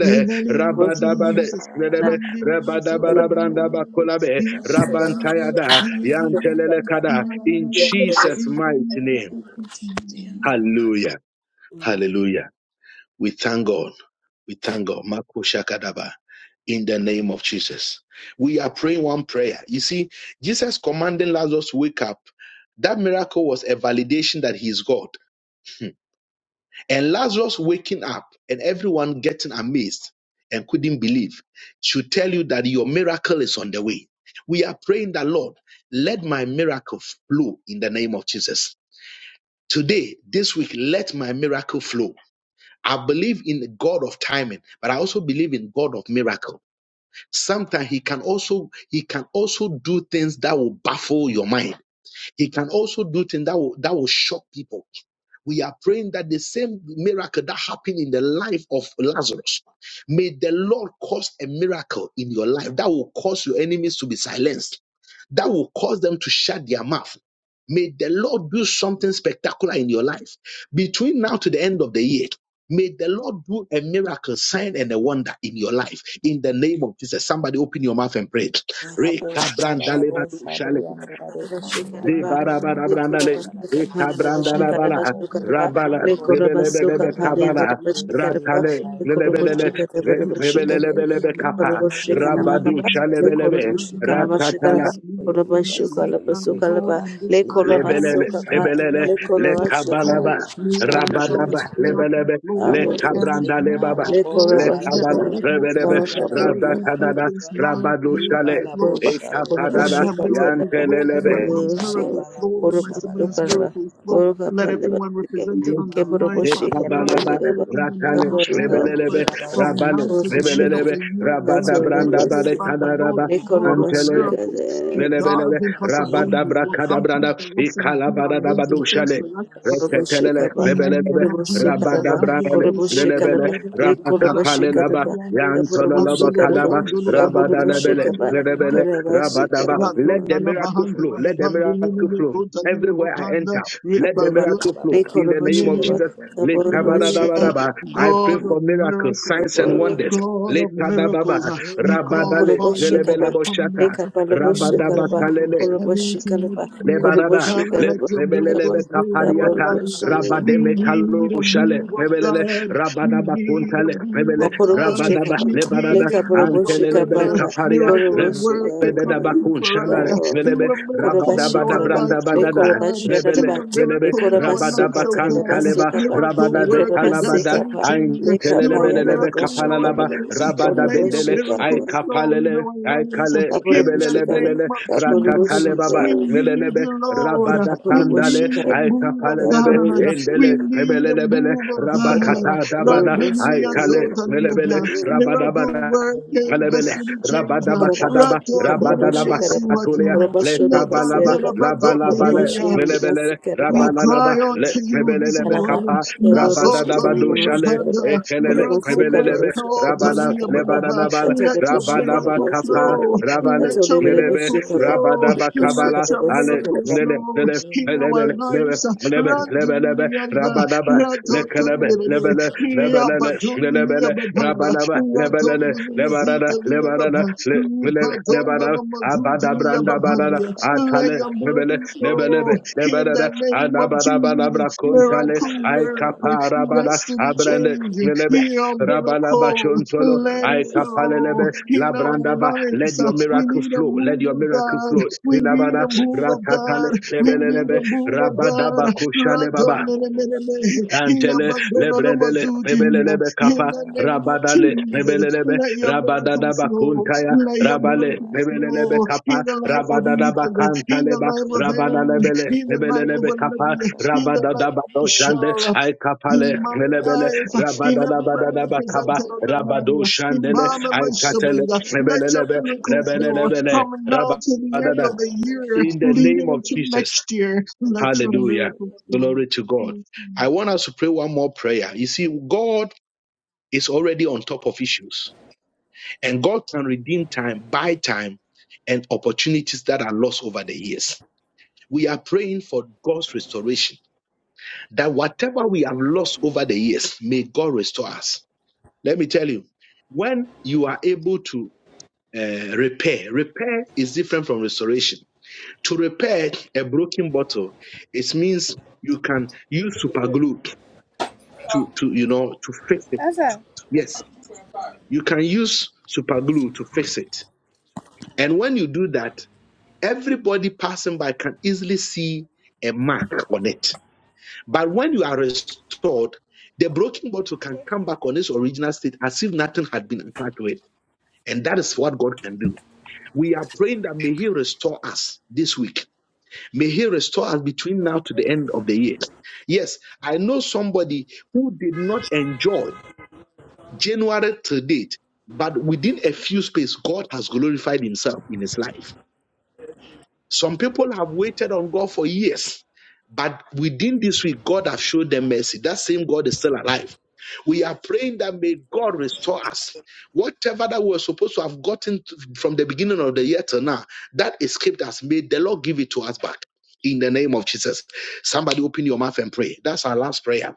in the name of Rabadabade, Jesus, Lelebe, Korobashkaraba, Rabadabarabrandabakulabe, Rabantayada, Yantelelekada, in Jesus' mighty In name. you. Hallelujah. Hallelujah. We thank God. We thank God. Makoshakadaba. In the name of Jesus. We are praying one prayer. You see, Jesus commanding Lazarus to wake up. That miracle was a validation that he is God. And Lazarus waking up and everyone getting amazed and couldn't believe should tell you that your miracle is on the way. We are praying that, Lord, let my miracle flow in the name of Jesus. Today, this week, let my miracle flow. I believe in the God of timing, but I also believe in God of miracle. Sometimes he can also he can also do things that will baffle your mind. He can also do things that will, that will shock people. We are praying that the same miracle that happened in the life of Lazarus, may the Lord cause a miracle in your life that will cause your enemies to be silenced, that will cause them to shut their mouth. May the Lord do something spectacular in your life between now to the end of the year. May the Lord do a miracle, sign, and a wonder in your life. In the name of Jesus, somebody open your mouth and pray. Lord, I call for wonder, I You Li Shikaraba, bara bara branda le. Likurabasuka E Palanda kabranda la bala. call Shikarabasukaraba, Rabala. for Likurabasuka Rebelebelebe miracle, I call Palanda for kabala. breakthrough in Shikaraba, my Ratale. life from Lelebelele. now until the Likurubushikaba end of the shall Shikaraba, year. let re- your be Father, kapa. ministry let flow things in that I the Kurubushikanamaka, Rabadu don't name of expect Jesus shalebele happen be to around me. Likurubushikanaba you. And I Ratatala. Shikaraba, seek Father, we for are your praying favor. I this Kurabashuka seek week, for your Father grace, Lord. Lord, Labasukalaba, Ah, and this Father Libara bo Lord, Lebelele. we Likurabasuka, shabara Lebelele. interrupt for brianda la the de Le year to shabara end. kabalaba. Likurabasuka, bo Let shabara brianda Mitchell's la Rabadaba. de shabara miracle Lebelebe. flow, Le bara. let Aaron's kabranda le baba. Libara miracle bo flow, Le kabara let kabala. Likurabasuka, kabara bo Olivia's Rebelebe. miracle brianda la flow, de let Likurabasuka, kabara Rabatadada. Ethan's bara. Rabadu shale. miracle Libala flow. bo Roba, E shabrianda Koroba la Let de kapadada. my Shuka kabara miracle Tanaba, bara. flow. yantelele Let my be. mom's Libara miracle Rosheva, bala flow. bo Let my Koroba shabara siblings' bara Shukanaba, bara miracle bara flow. bara Koroka bara Let bara Palaba, bara. everyone represented on the Libara Keporoba bara lines, bara Father, Shikanaba, miracle bara Ekabalaba, bara. Zigaba, flow in the Ratale, name of Libara bo Jesus Shrebelelebe, Christ. Kaporuka, shabara From now brianda Rabale, la to de Koroba the end of Shika, Shrebelelebe, the kabara bara. year and Rabada into Branda next Katoreba year, Lima Father, Shikapa, Lord, Barekanaraba, the God of Nekoraba miracles, the Shika, God of Lelebelele, impossibilities will come through rabadabrakadabranda, for us and do amazing things ikalabadadabadushale, for us. Koroba reketelele, Shikaba, In the lebelelebe, name Koroba of Jesus, Sukaraba, rabadabrandele, Andrele Koroba lelebele, Shikaraba, Sotaria, Lekoroba Brandara rabakapalelaba, Shikaraba, Brandiande, Keporoba yantololoba Mandolo Shikaraba, kadaba, Bozondolo Keporoba Bahandala rabadalebele, Shikaba, Bahandala lelebele, Bahandala Koreba Brande, rabadaba. Shikaba, Let the Ratonala miracle flow. Bahandala Let the Babandu miracle Nini flow. Kotalia Everywhere I Babanda, enter, let the Apuraba, Repando. miracle flow. In the Rekoraba name of Shikaba, Jesus, le Kaporaba Hallelujah. Shikaba, kabadabadaba. I pray God for of miracles, signs, miracles, and Kaporaba, wonders. God Le of kadababa, miracles, uh, we la call rabadale, Apuraba upon you. Shikaba, lelebele From now boshata. to the Rekapalaba end of the Shikaraba, year Rabadabakalele, Koraba and into Shikaraba, next year, Koraba lebarada, Father, le- let Shikaraba your Shikaba, lebelelebe miracles grow in our kapariata, lives. uh, Kaporaba We rabademe kalo need a shale, move of lebelele, God. We need a rabadabakuntale, move lebele, of Kaporobo God. shika rabadaba, ba We le lebarada, need a kaporobo move of shika ba antelelebere la God. ba korobo Miracle kaparia, shika work to ba Rebeda come through bakun for ba us. shandare, uh, ba ba ba. menebe Do a koroba miracle bosha, rabada in shika bada our la ba branda lives, le bada oh da, koroba God. shika da Do rebele ba a le menebe miracle in koroba our rabada soka lives, oh ta da bakan ba God. taleba, soka ba Miracle le rabada be worker, koroba kalabada, sika destiny ba ain le changer. telele Do kapa a ya da belelebe ba miracle in kapala our shika da laba, ba lives. rabada Let korobo your bendele, shika ba ay miracle flow in kapalele, our ay lives. kale, kaporobo In the rebelele shika ba name belele, of rata kaporobo taleba Jesus, shika bar, we ba. need melelebe you, Lord. rabada We kaporobo kandale, shika need la a ay ba move of kapalele be. kaporobo God. endele, We shika need a rebelele bele, move of ba rabakata God. dabada, korobo ay Randunia kale, shika melebele, Zotaliaba, ba. rabada miracle bada, worker, and Alebele, destiny changer. Rabadaba Koraba, Kadaba, Rato Lekha Kabaraba Rabadalaba Dinimia Shikaraba, Katulia, Suatara, Koraba Le Shodaraba Nata Kabalaba, Sieraba, Kabaraba Labalabale, Darabado Shianaba Melebele, we Sikaraba, cry Rabalalaba, unto Le you this Mebelelebe Kalaba, morning, Kapa, Kabaraba Rabadadaba Masotolia Shikaraba Dushale, Shikaraba, Babanda, Ekelele, Koraba miracle Sukaraba Mebelelebe, worker, Shikaraba Rabala, Talia Shikaraba, Balaba. Lebanabala, Let Kataraba your Rabalaba Shikaraba miracle Kapa, Sukaraba, flow, Rabale, let your Katoraba Melebe, miracle Shikaba, flow, Rabadaba Kabala, let your Shikaraba Ale, miracle Sikaraba, Nele, flow Nele, in our Lemala Lebe, Lebe, lives. Lebe, Lebe, Lebe, Randumianda, Rabadaba lekelebe Ratotondebe, lebele lebelele Riabadonia lebele Babanda, rabanaba lebelele lebarada Radondomizitalia lebarada Baba, le- abada Ribadonomazudilia branda barada Babandia. Let atale your lebele miracle flow lebelebe in lebarada the name of anabada banabra Jesus. kontale Miracle ay worker, kapara destiny abrande changer, lebele heal rabala miracle, bashontolo let ay it kapale lebe flow in our let lives. uh, your We miracle need a flow let move your of miracle God. flow We need lebara a move of ratatale God. We need lebelelebe a move of rabada God. bakushale baba Radonelelelele, Antele lebrendele hiabagononomazuti. lebelelebe In kapa the name of rabadale Jesus, lebelelebe let your miracle rabadada flow. bakuntaya Let your rabale miracle Limara lebelelebe flow in kapa the life of rabadada Ethan, in the bakantaleba life of Aaron, rabanalebele in the life of lebelelebe kapa Olivia, in the rabadada life of badoshande Michelle, ay kapale in my lebele life, in rabadada everybody badada bakaba represented on the line, in rabadoshandele Mama and my ay katele siblings, let your lebelelebe miracle flow rebelelebele from now to the end of rabadada the year, in the name leading of into Jesus next year. Let your Hallelujah. miracle flow. Glory to God. I want us to pray one more prayer. You see, God is already on top of issues, and God can redeem time, buy time, and opportunities that are lost over the years. We are praying for God's restoration, that whatever we have lost over the years, may God restore us. Let me tell you, when you are able to uh, repair, repair is different from restoration. To repair a broken bottle, it means you can use super glue to to you know to fix it. Awesome. Yes, you can use super glue to fix it. And when you do that, everybody passing by can easily see a mark on it. But when you are restored, the broken bottle can come back on its original state as if nothing had been attached to it. And that is what God can do. We are praying that may He restore us this week. May He restore us between now to the end of the year. Yes, I know somebody who did not enjoy January to date, but within a few space, God has glorified himself in his life. Some people have waited on God for years, but within this week, God has showed them mercy. That same God is still alive. We are praying that may God restore us. Whatever that we were supposed to have gotten to- from the beginning of the year till now, that escaped us. May the Lord give it to us back in the name of Jesus. Somebody open your mouth and pray. That's our last prayer.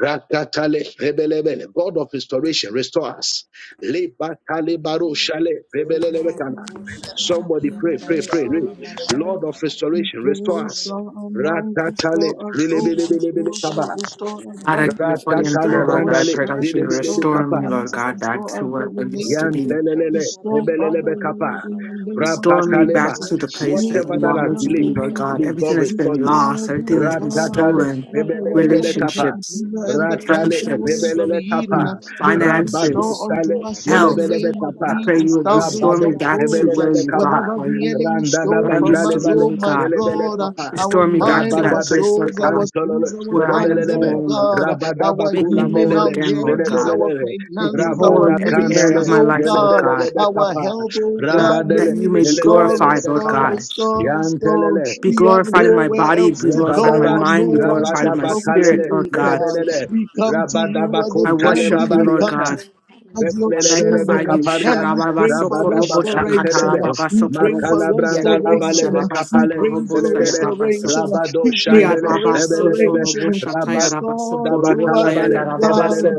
Rakatale rebelebele. God of restoration, restore us. Lebatale baro shale We rebelelebetana. Somebody pray, pray, pray, pray. Lord of restoration, pray, restore us. restore our minds, restore Ratatale, our souls, bilebelebelebele restore our kaba. restore our God, I body, come before you in Ratatale prayer, restore Lord our God. I brandale, pray spirit, that you bilebelebe restore our restore kapa. me, Lord finances, God, back restore our to good where I Le used to relationship, be. karabo Yantelelele, restore Father nebelelebe shabalala bo Lord kapa, in shabala the name of Restore me rapataleba. back Jesus. to le the place We that you karabo Whatever pray, that want has me God, to shabalala delayed, be, la Lord God. may Almighty, Everything God that's been restore you. restore lost, us, everything oh that's le been God. Ratatale, balabo stolen, Father, shabalala la whenever nebelelebe the kapa, relationships, le caterpillar and the malabo ratale, canker shabriyanda worms friendships, of le nebelele karala Eden kapa, Will you le rabado restore finances, sale, kabala unto la us in la the health. nebelelebe name la of I kapa, pray you Jesus would le restore thousands me rababe, of kabala back bo to folds? uh, where nebelelebe you shabriyanda kapa, brought, Whatever le where the you kabola enemy la la randana stole where I from used to bandale Lord us, be, bale, oh Lord restore my God. nebelele God, restore uh, me kapa, our Restore thousand me fold of back mind, all to the our that rabadabe things place, that Lord souls, I our God, tantolole, spirits, our where I restore am bodies, me oh nebelelebe, whole, Lord God, uh, God. rabadaba our Make me kula healing, whole rich our mendele, again, Lord marriages, God. our rich Nebelele, Make me finances, whole our in Rabada every area ministries, of Kandale, my oh life, Lord God, Lelebelele God. uh, our rich Kapa, my health, oh Lord Yeah, God, may Rabadele, that you you rich may be my Lord restore, glorified, Lelebelele Lord restore, Kapa, God. rich my Lord restore, restore. Yantelele, Be We Flourish, O have glorified in my Lord. nowhere body, else be to Flourish, O go glorified in my Lebababa, or Lord. no mind, be one glorified to in my Flourish, go O Lord. to, spirit, Rabadabakalele, Lord, oh Lord God. God. flourish, O Lord. Lelebelele, We come to you as a I Return family. worship you, We Lord come Rabadabakuntalebabariata, to God. my of handful your of And Rebelebelebe magnify children, uh, everything you. that and I've kaparia, we Sharababa pray for sokorobo rabadaba restoration. kantelebe, done uh, shakatarababa in We Hollywood. pray for makalabranda restoration. labalebe uh, We kapale, pray for In my delebele, ramble, so. restoration. uh, rabado We pray shabba-dabba-dabba. shandele, for rebelelebe, restoration. uh, Restore rabadaba Le to us, kalabale, O karabo, shabba, lebelele, God.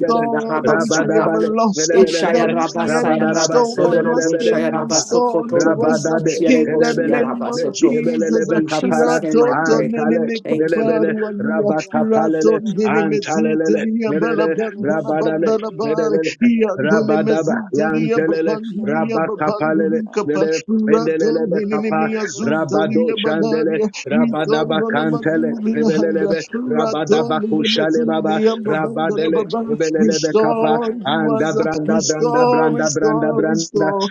le that which we have rabadabale, karabba-dabba-dabba. lost, uh, that lebelelebe, Eshaya which Le raba the saya enemy rabadalaba, raba mama-mama-bo, stole soyo from shabba, robo us. May lebelelebele le shaya you raba kapa, restore sokoto to robo us karabba-dabba-dabba. uh, rabadade, sikitiere in bo the Le shaya lebele, name raba of le- marabo, Jesus. lebelelebe uh, In Jesus' kapara, shabba-dabba-dabba. name I Radondo pray. nene antale, me Thank you. lebele, kabaru Le alia. karabo, Radondo rabakapalele, nene shabba-dabba-dabba. me antalelele, zudelia Le lebele, barabo, balabanda rabadale, labanda shabba-dabba-dabba. labari. Melele, Yandone Rabadaba, Thank mezudelia Yantelele, babandulia Rabakapalele, babandulia pa Lele, radon Endelelebe Kapa, ninemia Rabado zudelia Chandele, banaria riton Rabadaba nona Kantele, mazulia handa Rebelelebe, radon Rabadaba Kushale Baba, ninemezulia babandala Rabadele, baba Rebelelebe Kapa, restore to us Anda Branda Branda restore Branda Branda restore Branda, restore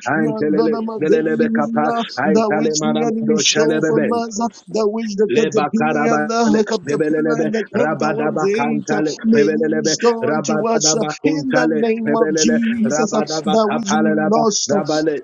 nana Antelele, Lelelebe Kapa, mazulia that Aitale which the Maram enemy Do stole from Shalebebe. us that which the Leba caterpillar and karabale, the caterpillar lebelelebe, and the cankerworms rabadaba ate kantale, May you lebelelebe, restore unto us uh, rabadaba in the kuntale, name of lebelele, Jesus uh, rabadaba that which we kapalelaba, lost, uh, rabale,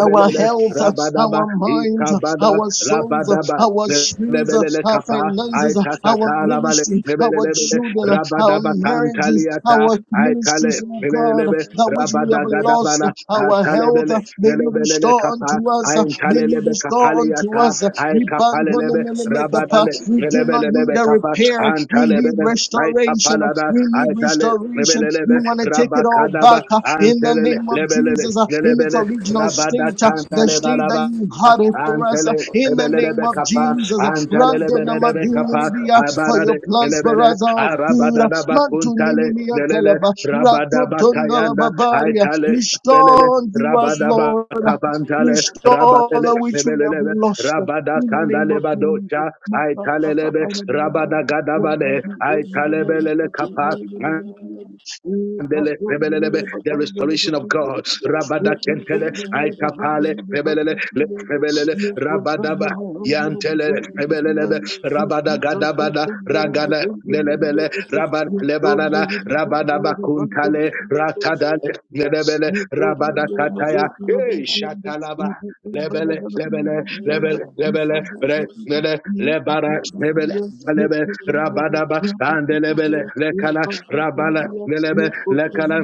our health, uh, our rabadaba, minds, uh, ikabada, our souls, uh, rabadaba, our spirits, uh, lebelele our kapa, finances, uh, our aitatata labale, ministry, our lebelelebe, children, you. uh, our rabadaba marriages, kantaliata, our ministries, aikale, oh God, lebelelebe, that Libara which we have lost, uh, rabadagadabana, our health, atalebele, uh, may you lebelele restore kapa, unto us, uh, may you aintalelebe restore unto kapaliata, us aikapalelebe Libandolelelekapa. Rabadale, We do not need Lebelebe a Kappa, repair. We Antalebe, need Laita restoration. Palada, We need Aitale, restoration. You Lebelebe, want to take it all back Rabakadaba, uh, in the Antele, name of Lebele, Jesus uh, in its Lebele, original Rabada state, uh, the state that Cantalebalaba. you had it for us uh, Antele in the name lebelelebe of kapa, Jesus. uh, antele lebelelebe kapa, Randonamaduninibia, For abarade your plans for lebele, us are of good. arabada uh, da bakuntale, lelele, Mantuninimiatalaba, rabada Ratodonalababaria. bakayanda, belele Restore to us, rabada ba Lord. uh, kavantale Restore rabadele that which we have belele lost. huh? rabada In the name kandale of Jesus. badocha Ma- ai ba- ba- ba- talelebe ba- da- da- da- ba- da- rabada da. Ra- ba- gadabale ba- ai do- ma- da- da- da- talebelele da- kapa da- da- da- da- da- da- da- da. Eh, ba- do- ma- da- da- ba- the ba- da- da- da- restoration of da- da- da- God. da. Rabada Eh, ba- do- Kentele, ma- da- da- ba- ba- da- Aikapale, da- da- ba- da- Pebelele, da- da- da. Pebelele, Eh, go- ga- Rabadaba. na- ma- da- da- da- Yantele go- da- da- da- da- Pebelelebe, da. Eh, ga- Rabada ga- ga- Gadabada da- da- da- Ragada go- da- da- da- Lelebele da- da. Lebara da. Raban Eh, do- ma- Lebanana da- da- ba- da- Rabadaba da- da- ba- da- da- da- Kuntale da- da- da- da- da- Ratadale Lelebele Eh, go- da. da- Rabada da- ba- da- Kataya da- da- ba- Eh da- da- da- da. Eh, go- ga- na- ma- zo- da- Shatalaba da- Lebele da- da- da- Lebele da. lebele lebele That re lele lebara lebele bosha lebele bara rabadaba and lebele lekala rabala lianda. lelebe lekala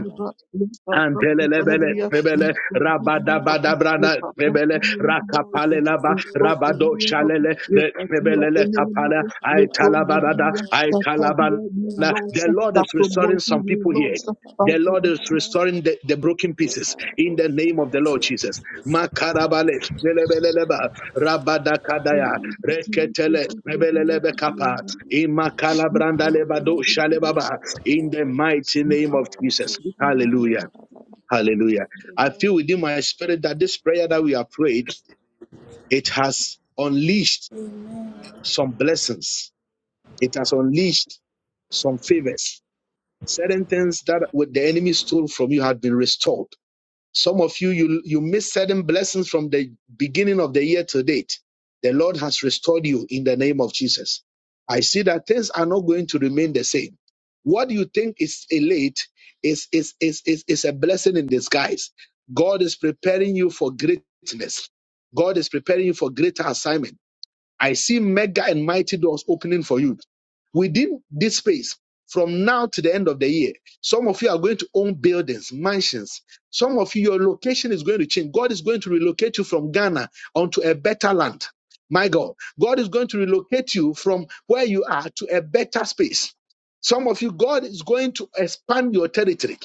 Antelelebele, Febele, Rabadabadabrana, Febele, Rakapalelaba, Rabado Shalele, Re- Febelele, Kapala, Aitalabarada, Aitalabana. The Lord is restoring promoting some we people here. lost, Father, The Lord we is restoring the, the broken pieces in the name of the Lord Jesus. Makarabale, Lelebeleleba, thank Rabadakadaya, you, Jesus, Reketele, that we are here Rebelelebe Kapa, to Imakalabranda Lebado be able to Shalebaba, in the mighty Thank name of Jesus. you. Hallelujah. Hallelujah. I Amen. feel within my spirit that this prayer that we have prayed, it has unleashed some blessings. It has unleashed some favors. Certain things that what the enemy stole from you had been restored. Some of you, you, you missed certain blessings from the beginning of the year to date. The Lord has restored you in the name of Jesus. I see that things are not going to remain the same. What you think is a late is, is, is, is, is a blessing in disguise. God is preparing you for greatness. God is preparing you for greater assignment. I see mega and mighty doors opening for you within this space from now to the end of the year. Some of you are going to own buildings, mansions. Some of you, your location is going to change. God is going to relocate you from Ghana onto a better land. My God, God is going to relocate you from where you are to a better space. Some of you, God is going to expand your territory.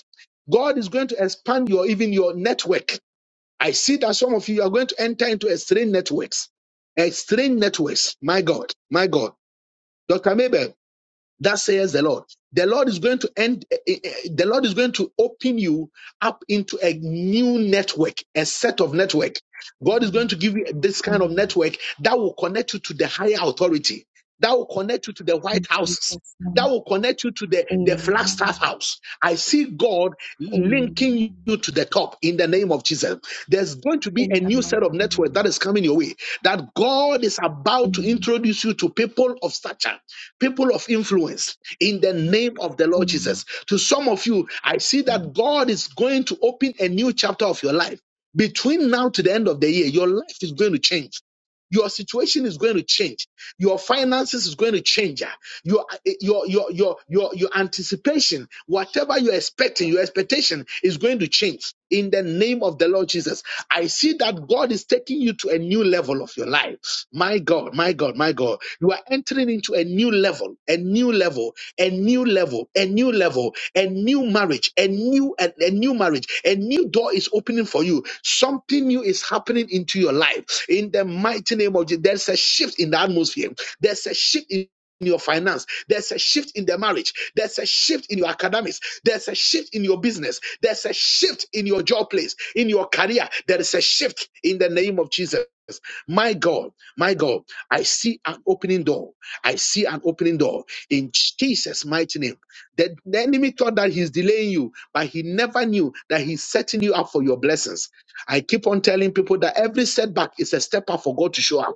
God is going to expand your even your network. I see that some of you are going to enter into extreme networks. Extreme networks. My God. My God. Dr. Mabel, that says the Lord. The Lord is going to end, eh, eh, eh, the Lord is going to open you up into a new network, a set of network. God is going to Amen. give you this kind of Amen. network that will connect you to the higher authority, that will connect you to the In White Houses, Jesus' that name. will connect you to the, the Flagstaff Amen. house. I see God linking you Amen. to the top in the name of Jesus. There's going to be In a the new mighty set of network name that of is Jesus. coming your way, that God is about to Amen. introduce you to people of stature, people of influence in the name of the Lord Amen. Jesus. To some of you, I see Amen. that God is going to open a new chapter of your life. Between now to the end of the year, your life is going to change your situation is going to change. Your finances is going to change. ah. Your eh, your your your your, your anticipation, whatever you're expecting, your expectation is going to change in the name of the Lord Jesus. I see that God is taking you to a new level of your life. My God, my God, God, my God, you are entering into a new level, a new level, a new level, a new level, a new marriage, a new a, a new marriage, a new door is opening for you. Something new is happening into your life. In the mighty name of Jesus, there's a shift in the atmosphere. There's a shift in in your finance. There's a shift in the marriage. There's a shift in your academics. There's a shift in your business. There's a shift in your job place, in your career. There is a shift in the name of Jesus. My God, my God, I see an opening door. I see an opening door in Jesus' mighty name. The, the enemy thought that he's delaying you, but he never knew that he's setting you up for your blessings. I keep on telling people that every setback is a step up for God to show up.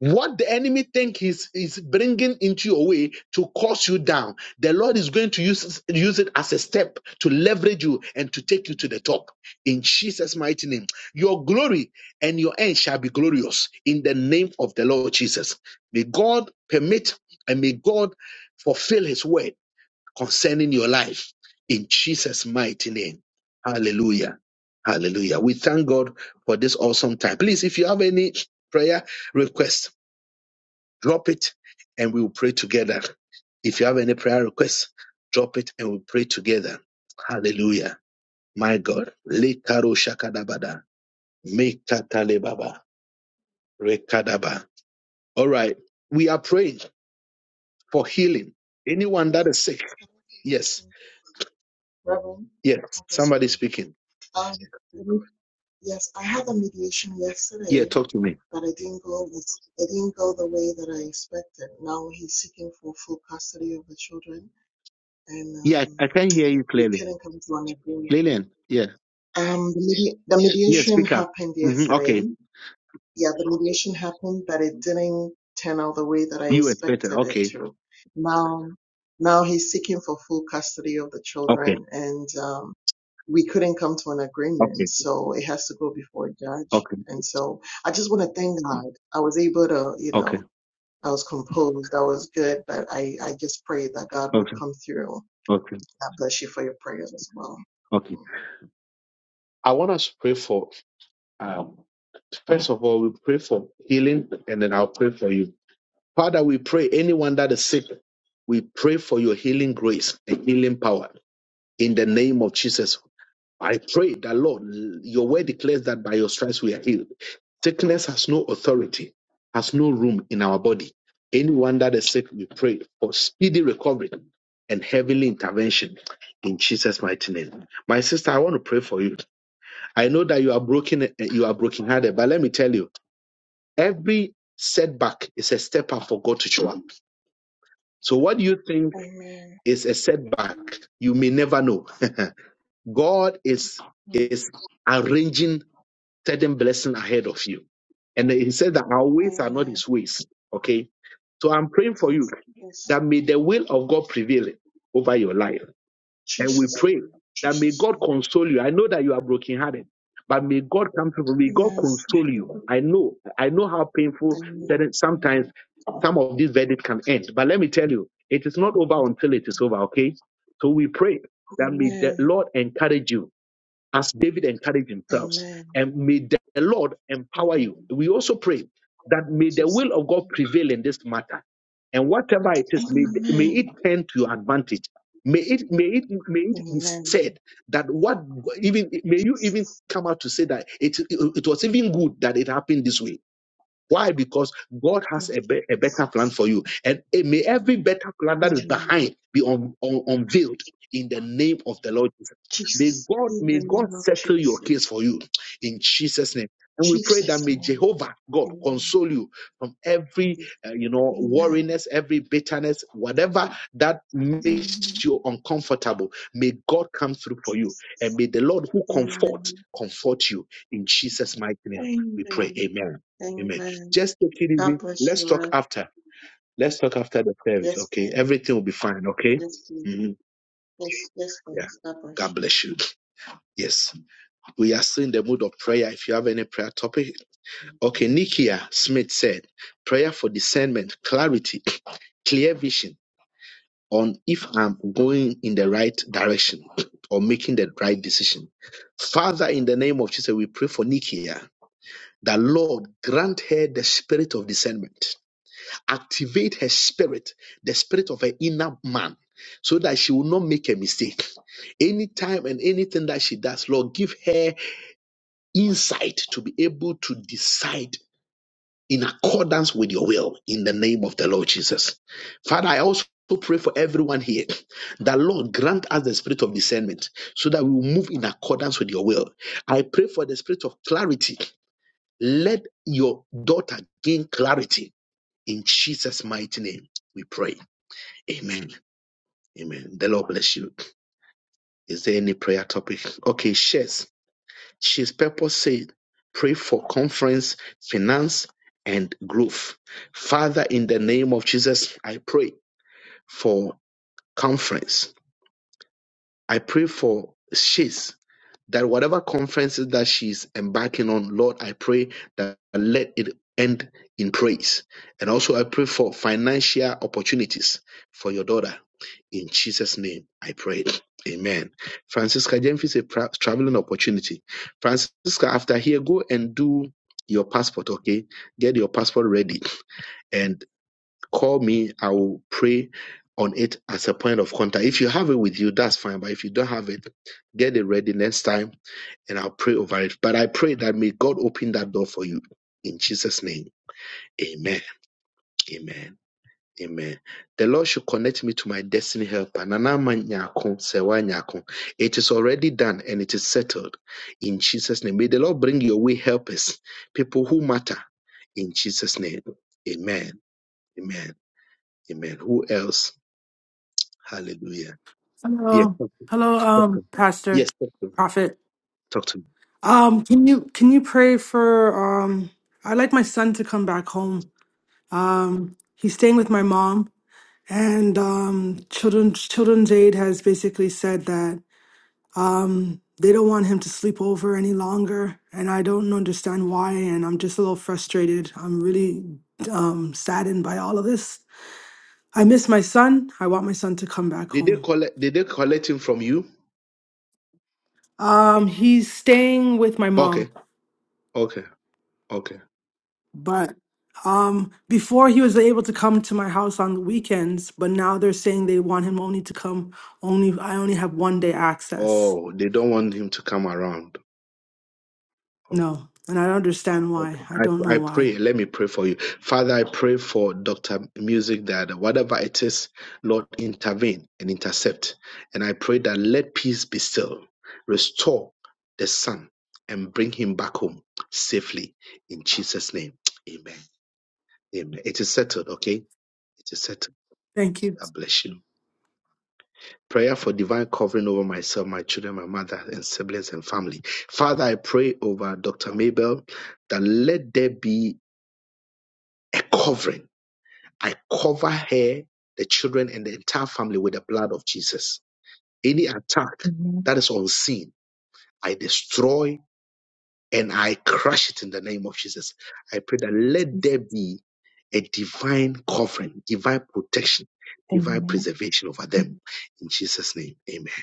What the enemy think is is bringing into your way to cause you down, the Lord is going to use use it as a step to leverage you and to take you to the top. In Jesus' mighty name, your glory and your end shall be glorious in the name of the Lord Jesus. May God permit and may God fulfill His word concerning your life in Jesus' mighty name. Hallelujah. Hallelujah. We thank God for this awesome time. Please, if you have any prayer requests. Drop it and we will pray together. If you have any prayer requests, drop it and we'll pray together. Hallelujah. My God. Lekaro shakadabada. Mekatalebaba. Rekadaba. All right. We are praying for healing. Anyone that is sick. Yes. Yes. Somebody speaking. Yeah, talk to me. Yeah, I I can hear you clearly. Lillian. Yeah. Yeah, speak up. hmm Okay. You expected. Okay. Okay. Okay. Okay. Okay. Okay. Okay. Okay. I want us to pray for, um, first of all, we pray for healing and then I'll pray for you. Father, we pray anyone that is sick, we pray for your healing grace and healing power in the name of Jesus. I pray that, Lord, your word declares that by your stripes we are healed. Sickness has no authority, has no room in our body. Anyone that is sick, we pray for speedy recovery and heavenly intervention in Jesus' mighty name. My sister, I want to pray for you. I know that you are broken, eh, you are brokenhearted, but let me tell you, every setback is a step up for God to show up. So what do you think is a setback, you may never know. God is is arranging certain blessing ahead of you. And he said that our ways are not his ways. Okay. So I'm praying for you that may the will of God prevail over your life And we pray that may God console you. I know that you are brokenhearted, but may God come through. May God console you. I know, I know how painful certain sometimes some of these verdicts can end. But let me tell you, it is not over until it is over, okay? So we pray that may the Lord encourage you as David encouraged himself. And may the Lord empower you. We also pray that may the will of God prevail in this matter. And whatever it is, may, may it turn to your advantage. May it, may it, may it be said that what even may you even come out to say that it, it was even good that it happened this way why? Because God has a, be- a better plan for you. And eh, may every better plan that is behind be un- un- unveiled in the name of the Lord Jesus. May God, may God settle your case for you in Jesus' name. And we pray that may Jehovah God console you from every, eh, you know, worriness, every bitterness, whatever that makes you uncomfortable. May God come through for you, and may the Lord who comfort comfort you in Jesus' mighty name. We pray, Amen. Amen. Just take it easy. Let's talk after. Let's talk after the service. Okay. Everything will be fine. Okay. hmm Yeah. God bless you. Yes. We are still in the mood of prayer. If you have any prayer topic. Okay. Nikia Smith said, prayer for discernment, clarity, clear vision on if I'm going in the right direction or making the right decision. Father, in the name of Jesus, we pray for Nikia that Lord grant her the spirit of discernment activate her spirit, the spirit of her inner man, so that she will not make a mistake. Anytime and anything that she does, Lord, give her insight to be able to decide in accordance with your will in the name of the Lord Jesus. Father, I also pray for everyone here that Lord grant us the spirit of discernment so that we will move in accordance with your will. I pray for the spirit of clarity. Let your daughter gain clarity in Jesus' mighty name. We pray. Amen. Amen. The Lord bless you. Is there any prayer topic? Okay, shares. She's purpose said, pray for conference, finance, and growth. Father, in the name of Jesus, I pray for conference. I pray for she's that whatever conferences that she's embarking on, Lord, I pray that let it end in praise. And also I pray for financial opportunities for your daughter. In Jesus' name, I pray. Amen. Francisca Jemfi is a pra- traveling opportunity. Francisca, after here, go and do your passport, okay? Get your passport ready. and. Call me. I will pray on it as a point of contact. If you have it with you, that's fine. But if you don't have it, get it ready next time and I'll pray over it. But I pray that may God open that door for you. In Jesus' name. Amen. Amen. Amen. The Lord should connect me to my destiny helper. Nana ma nyako, sewa nyako. It is already done and it is settled. In Jesus' name. May the Lord bring your way helpers, people who matter. In Jesus' name. Amen. Amen. Amen. Who else? Hallelujah. Yes, Hello, talk hello, talk to um, me. Pastor, Yes, talk to me. Prophet. Talk to me. Um, can you can you pray for um? I'd like my son to come back home. Um, he's staying with my mom, and um, children Children's Aid has basically said that. Um, they don't want him to sleep over any longer, and I don't understand why. And I'm just a little frustrated. I'm really um, saddened by all of this. I miss my son. I want my son to come back Did they home. collect did they collect him from you? Um, he's staying with my Okay. mom, Okay. Okay. but um, before he was able to come to my house on the weekends, but now they're saying they want him only to come only. I only have one day access. Oh, they don't want him to come around. Okay. No, and I don't understand why. okay. I don't I know I why. pray. Let me pray for you. Father, I pray for Dr. Music that whatever it is, Lord, intervene and intercept. And I pray that let peace be still. Restore the son and bring him back home safely in Jesus' name. Amen. Amen. It is settled, okay? It is settled. Thank you. I bless you. Prayer for divine covering over myself, my children, my mother, and siblings and family. Father, I pray over Dr. Mabel that let there be a covering. I cover her, the children, and the entire family with the blood of Jesus. Any attack Amen. that is unseen, I destroy and I crush it in the name of Jesus. I pray that let Jesus. there be a divine covering, divine protection, divine Amen. preservation over them. Amen. In Jesus' name, amen.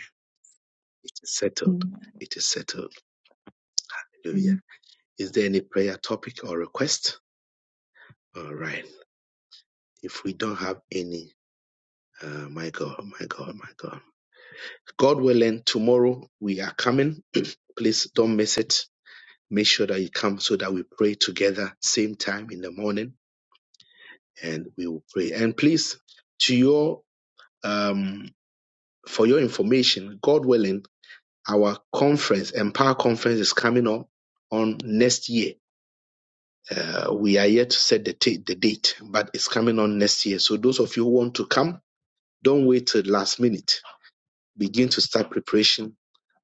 It is settled. It is settled. Amen. Hallelujah. Is there any prayer topic or request? All right. If we don't have any, uh, my God, my God, my God. God willing, tomorrow we are coming. Please don't miss it. Make sure that you come so that we pray together, same time in the morning, and we will pray. And please, to your um, for your information, God willing, our conference, Empower Conference, is coming up on next year. Uh, we are yet to set the, ta- the date, but it's coming on next year. So those of you who want to come, don't wait till last minute. Begin to start preparation.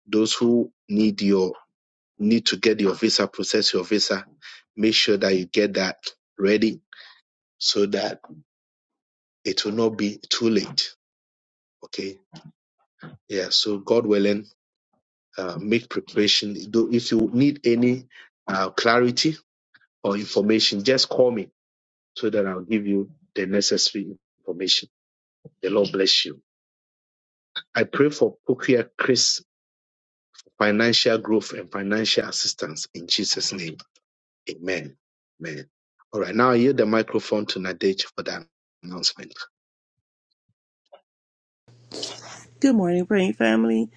Those who need your need to get your visa, process your visa, make sure that you get that ready so that it will not be too late. Okay. Yeah. So God willing, uh, make preparation. If you need any uh, clarity or information, just call me so that I'll give you the necessary information. The Lord bless you. I pray for Pokia Chris financial growth and financial assistance in Jesus' name. Amen. Amen. All right, now I yield the microphone to Nadej for that announcement. Good morning, praying family.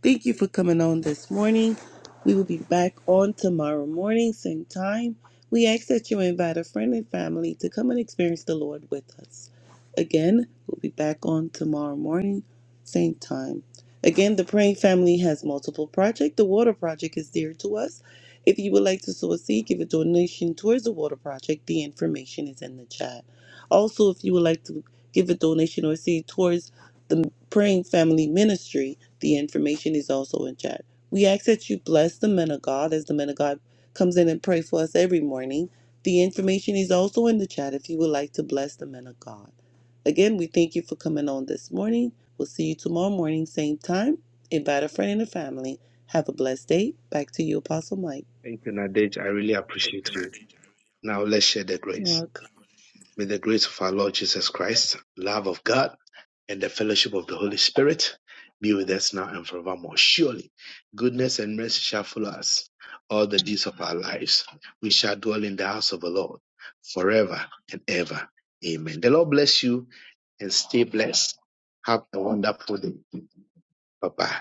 Thank you for coming on this morning. We will be back on tomorrow morning, same time. We ask that you invite a friend and family to come and experience the Lord with us. Again, we'll be back on tomorrow morning, same time. Again, the Praying Family has multiple projects. The Water Project is dear to us. If you would like to sow a seed, give a donation towards the Water Project. The information is in the chat. Also, if you would like to give a donation or seed towards the Praying Family Ministry, the information is also in chat. We ask that you bless the men of God as the men of God comes in and pray for us every morning. The information is also in the chat if you would like to bless the men of God. Again, we thank you for coming on this morning. We'll see you tomorrow morning, same time. Invite a friend and a family. Have a blessed day. Back to you, Apostle Mike. Thank you, Nadej. I really appreciate you. Now let's share the You're grace. welcome. May the grace of our Lord Jesus Christ, love of God, and the fellowship of the Holy Spirit be with us now and forevermore. Surely, goodness and mercy shall follow us all the days of our lives. We shall dwell in the house of the Lord forever and ever. Amen. The Lord bless you and stay blessed. Have a wonderful day. Bye bye.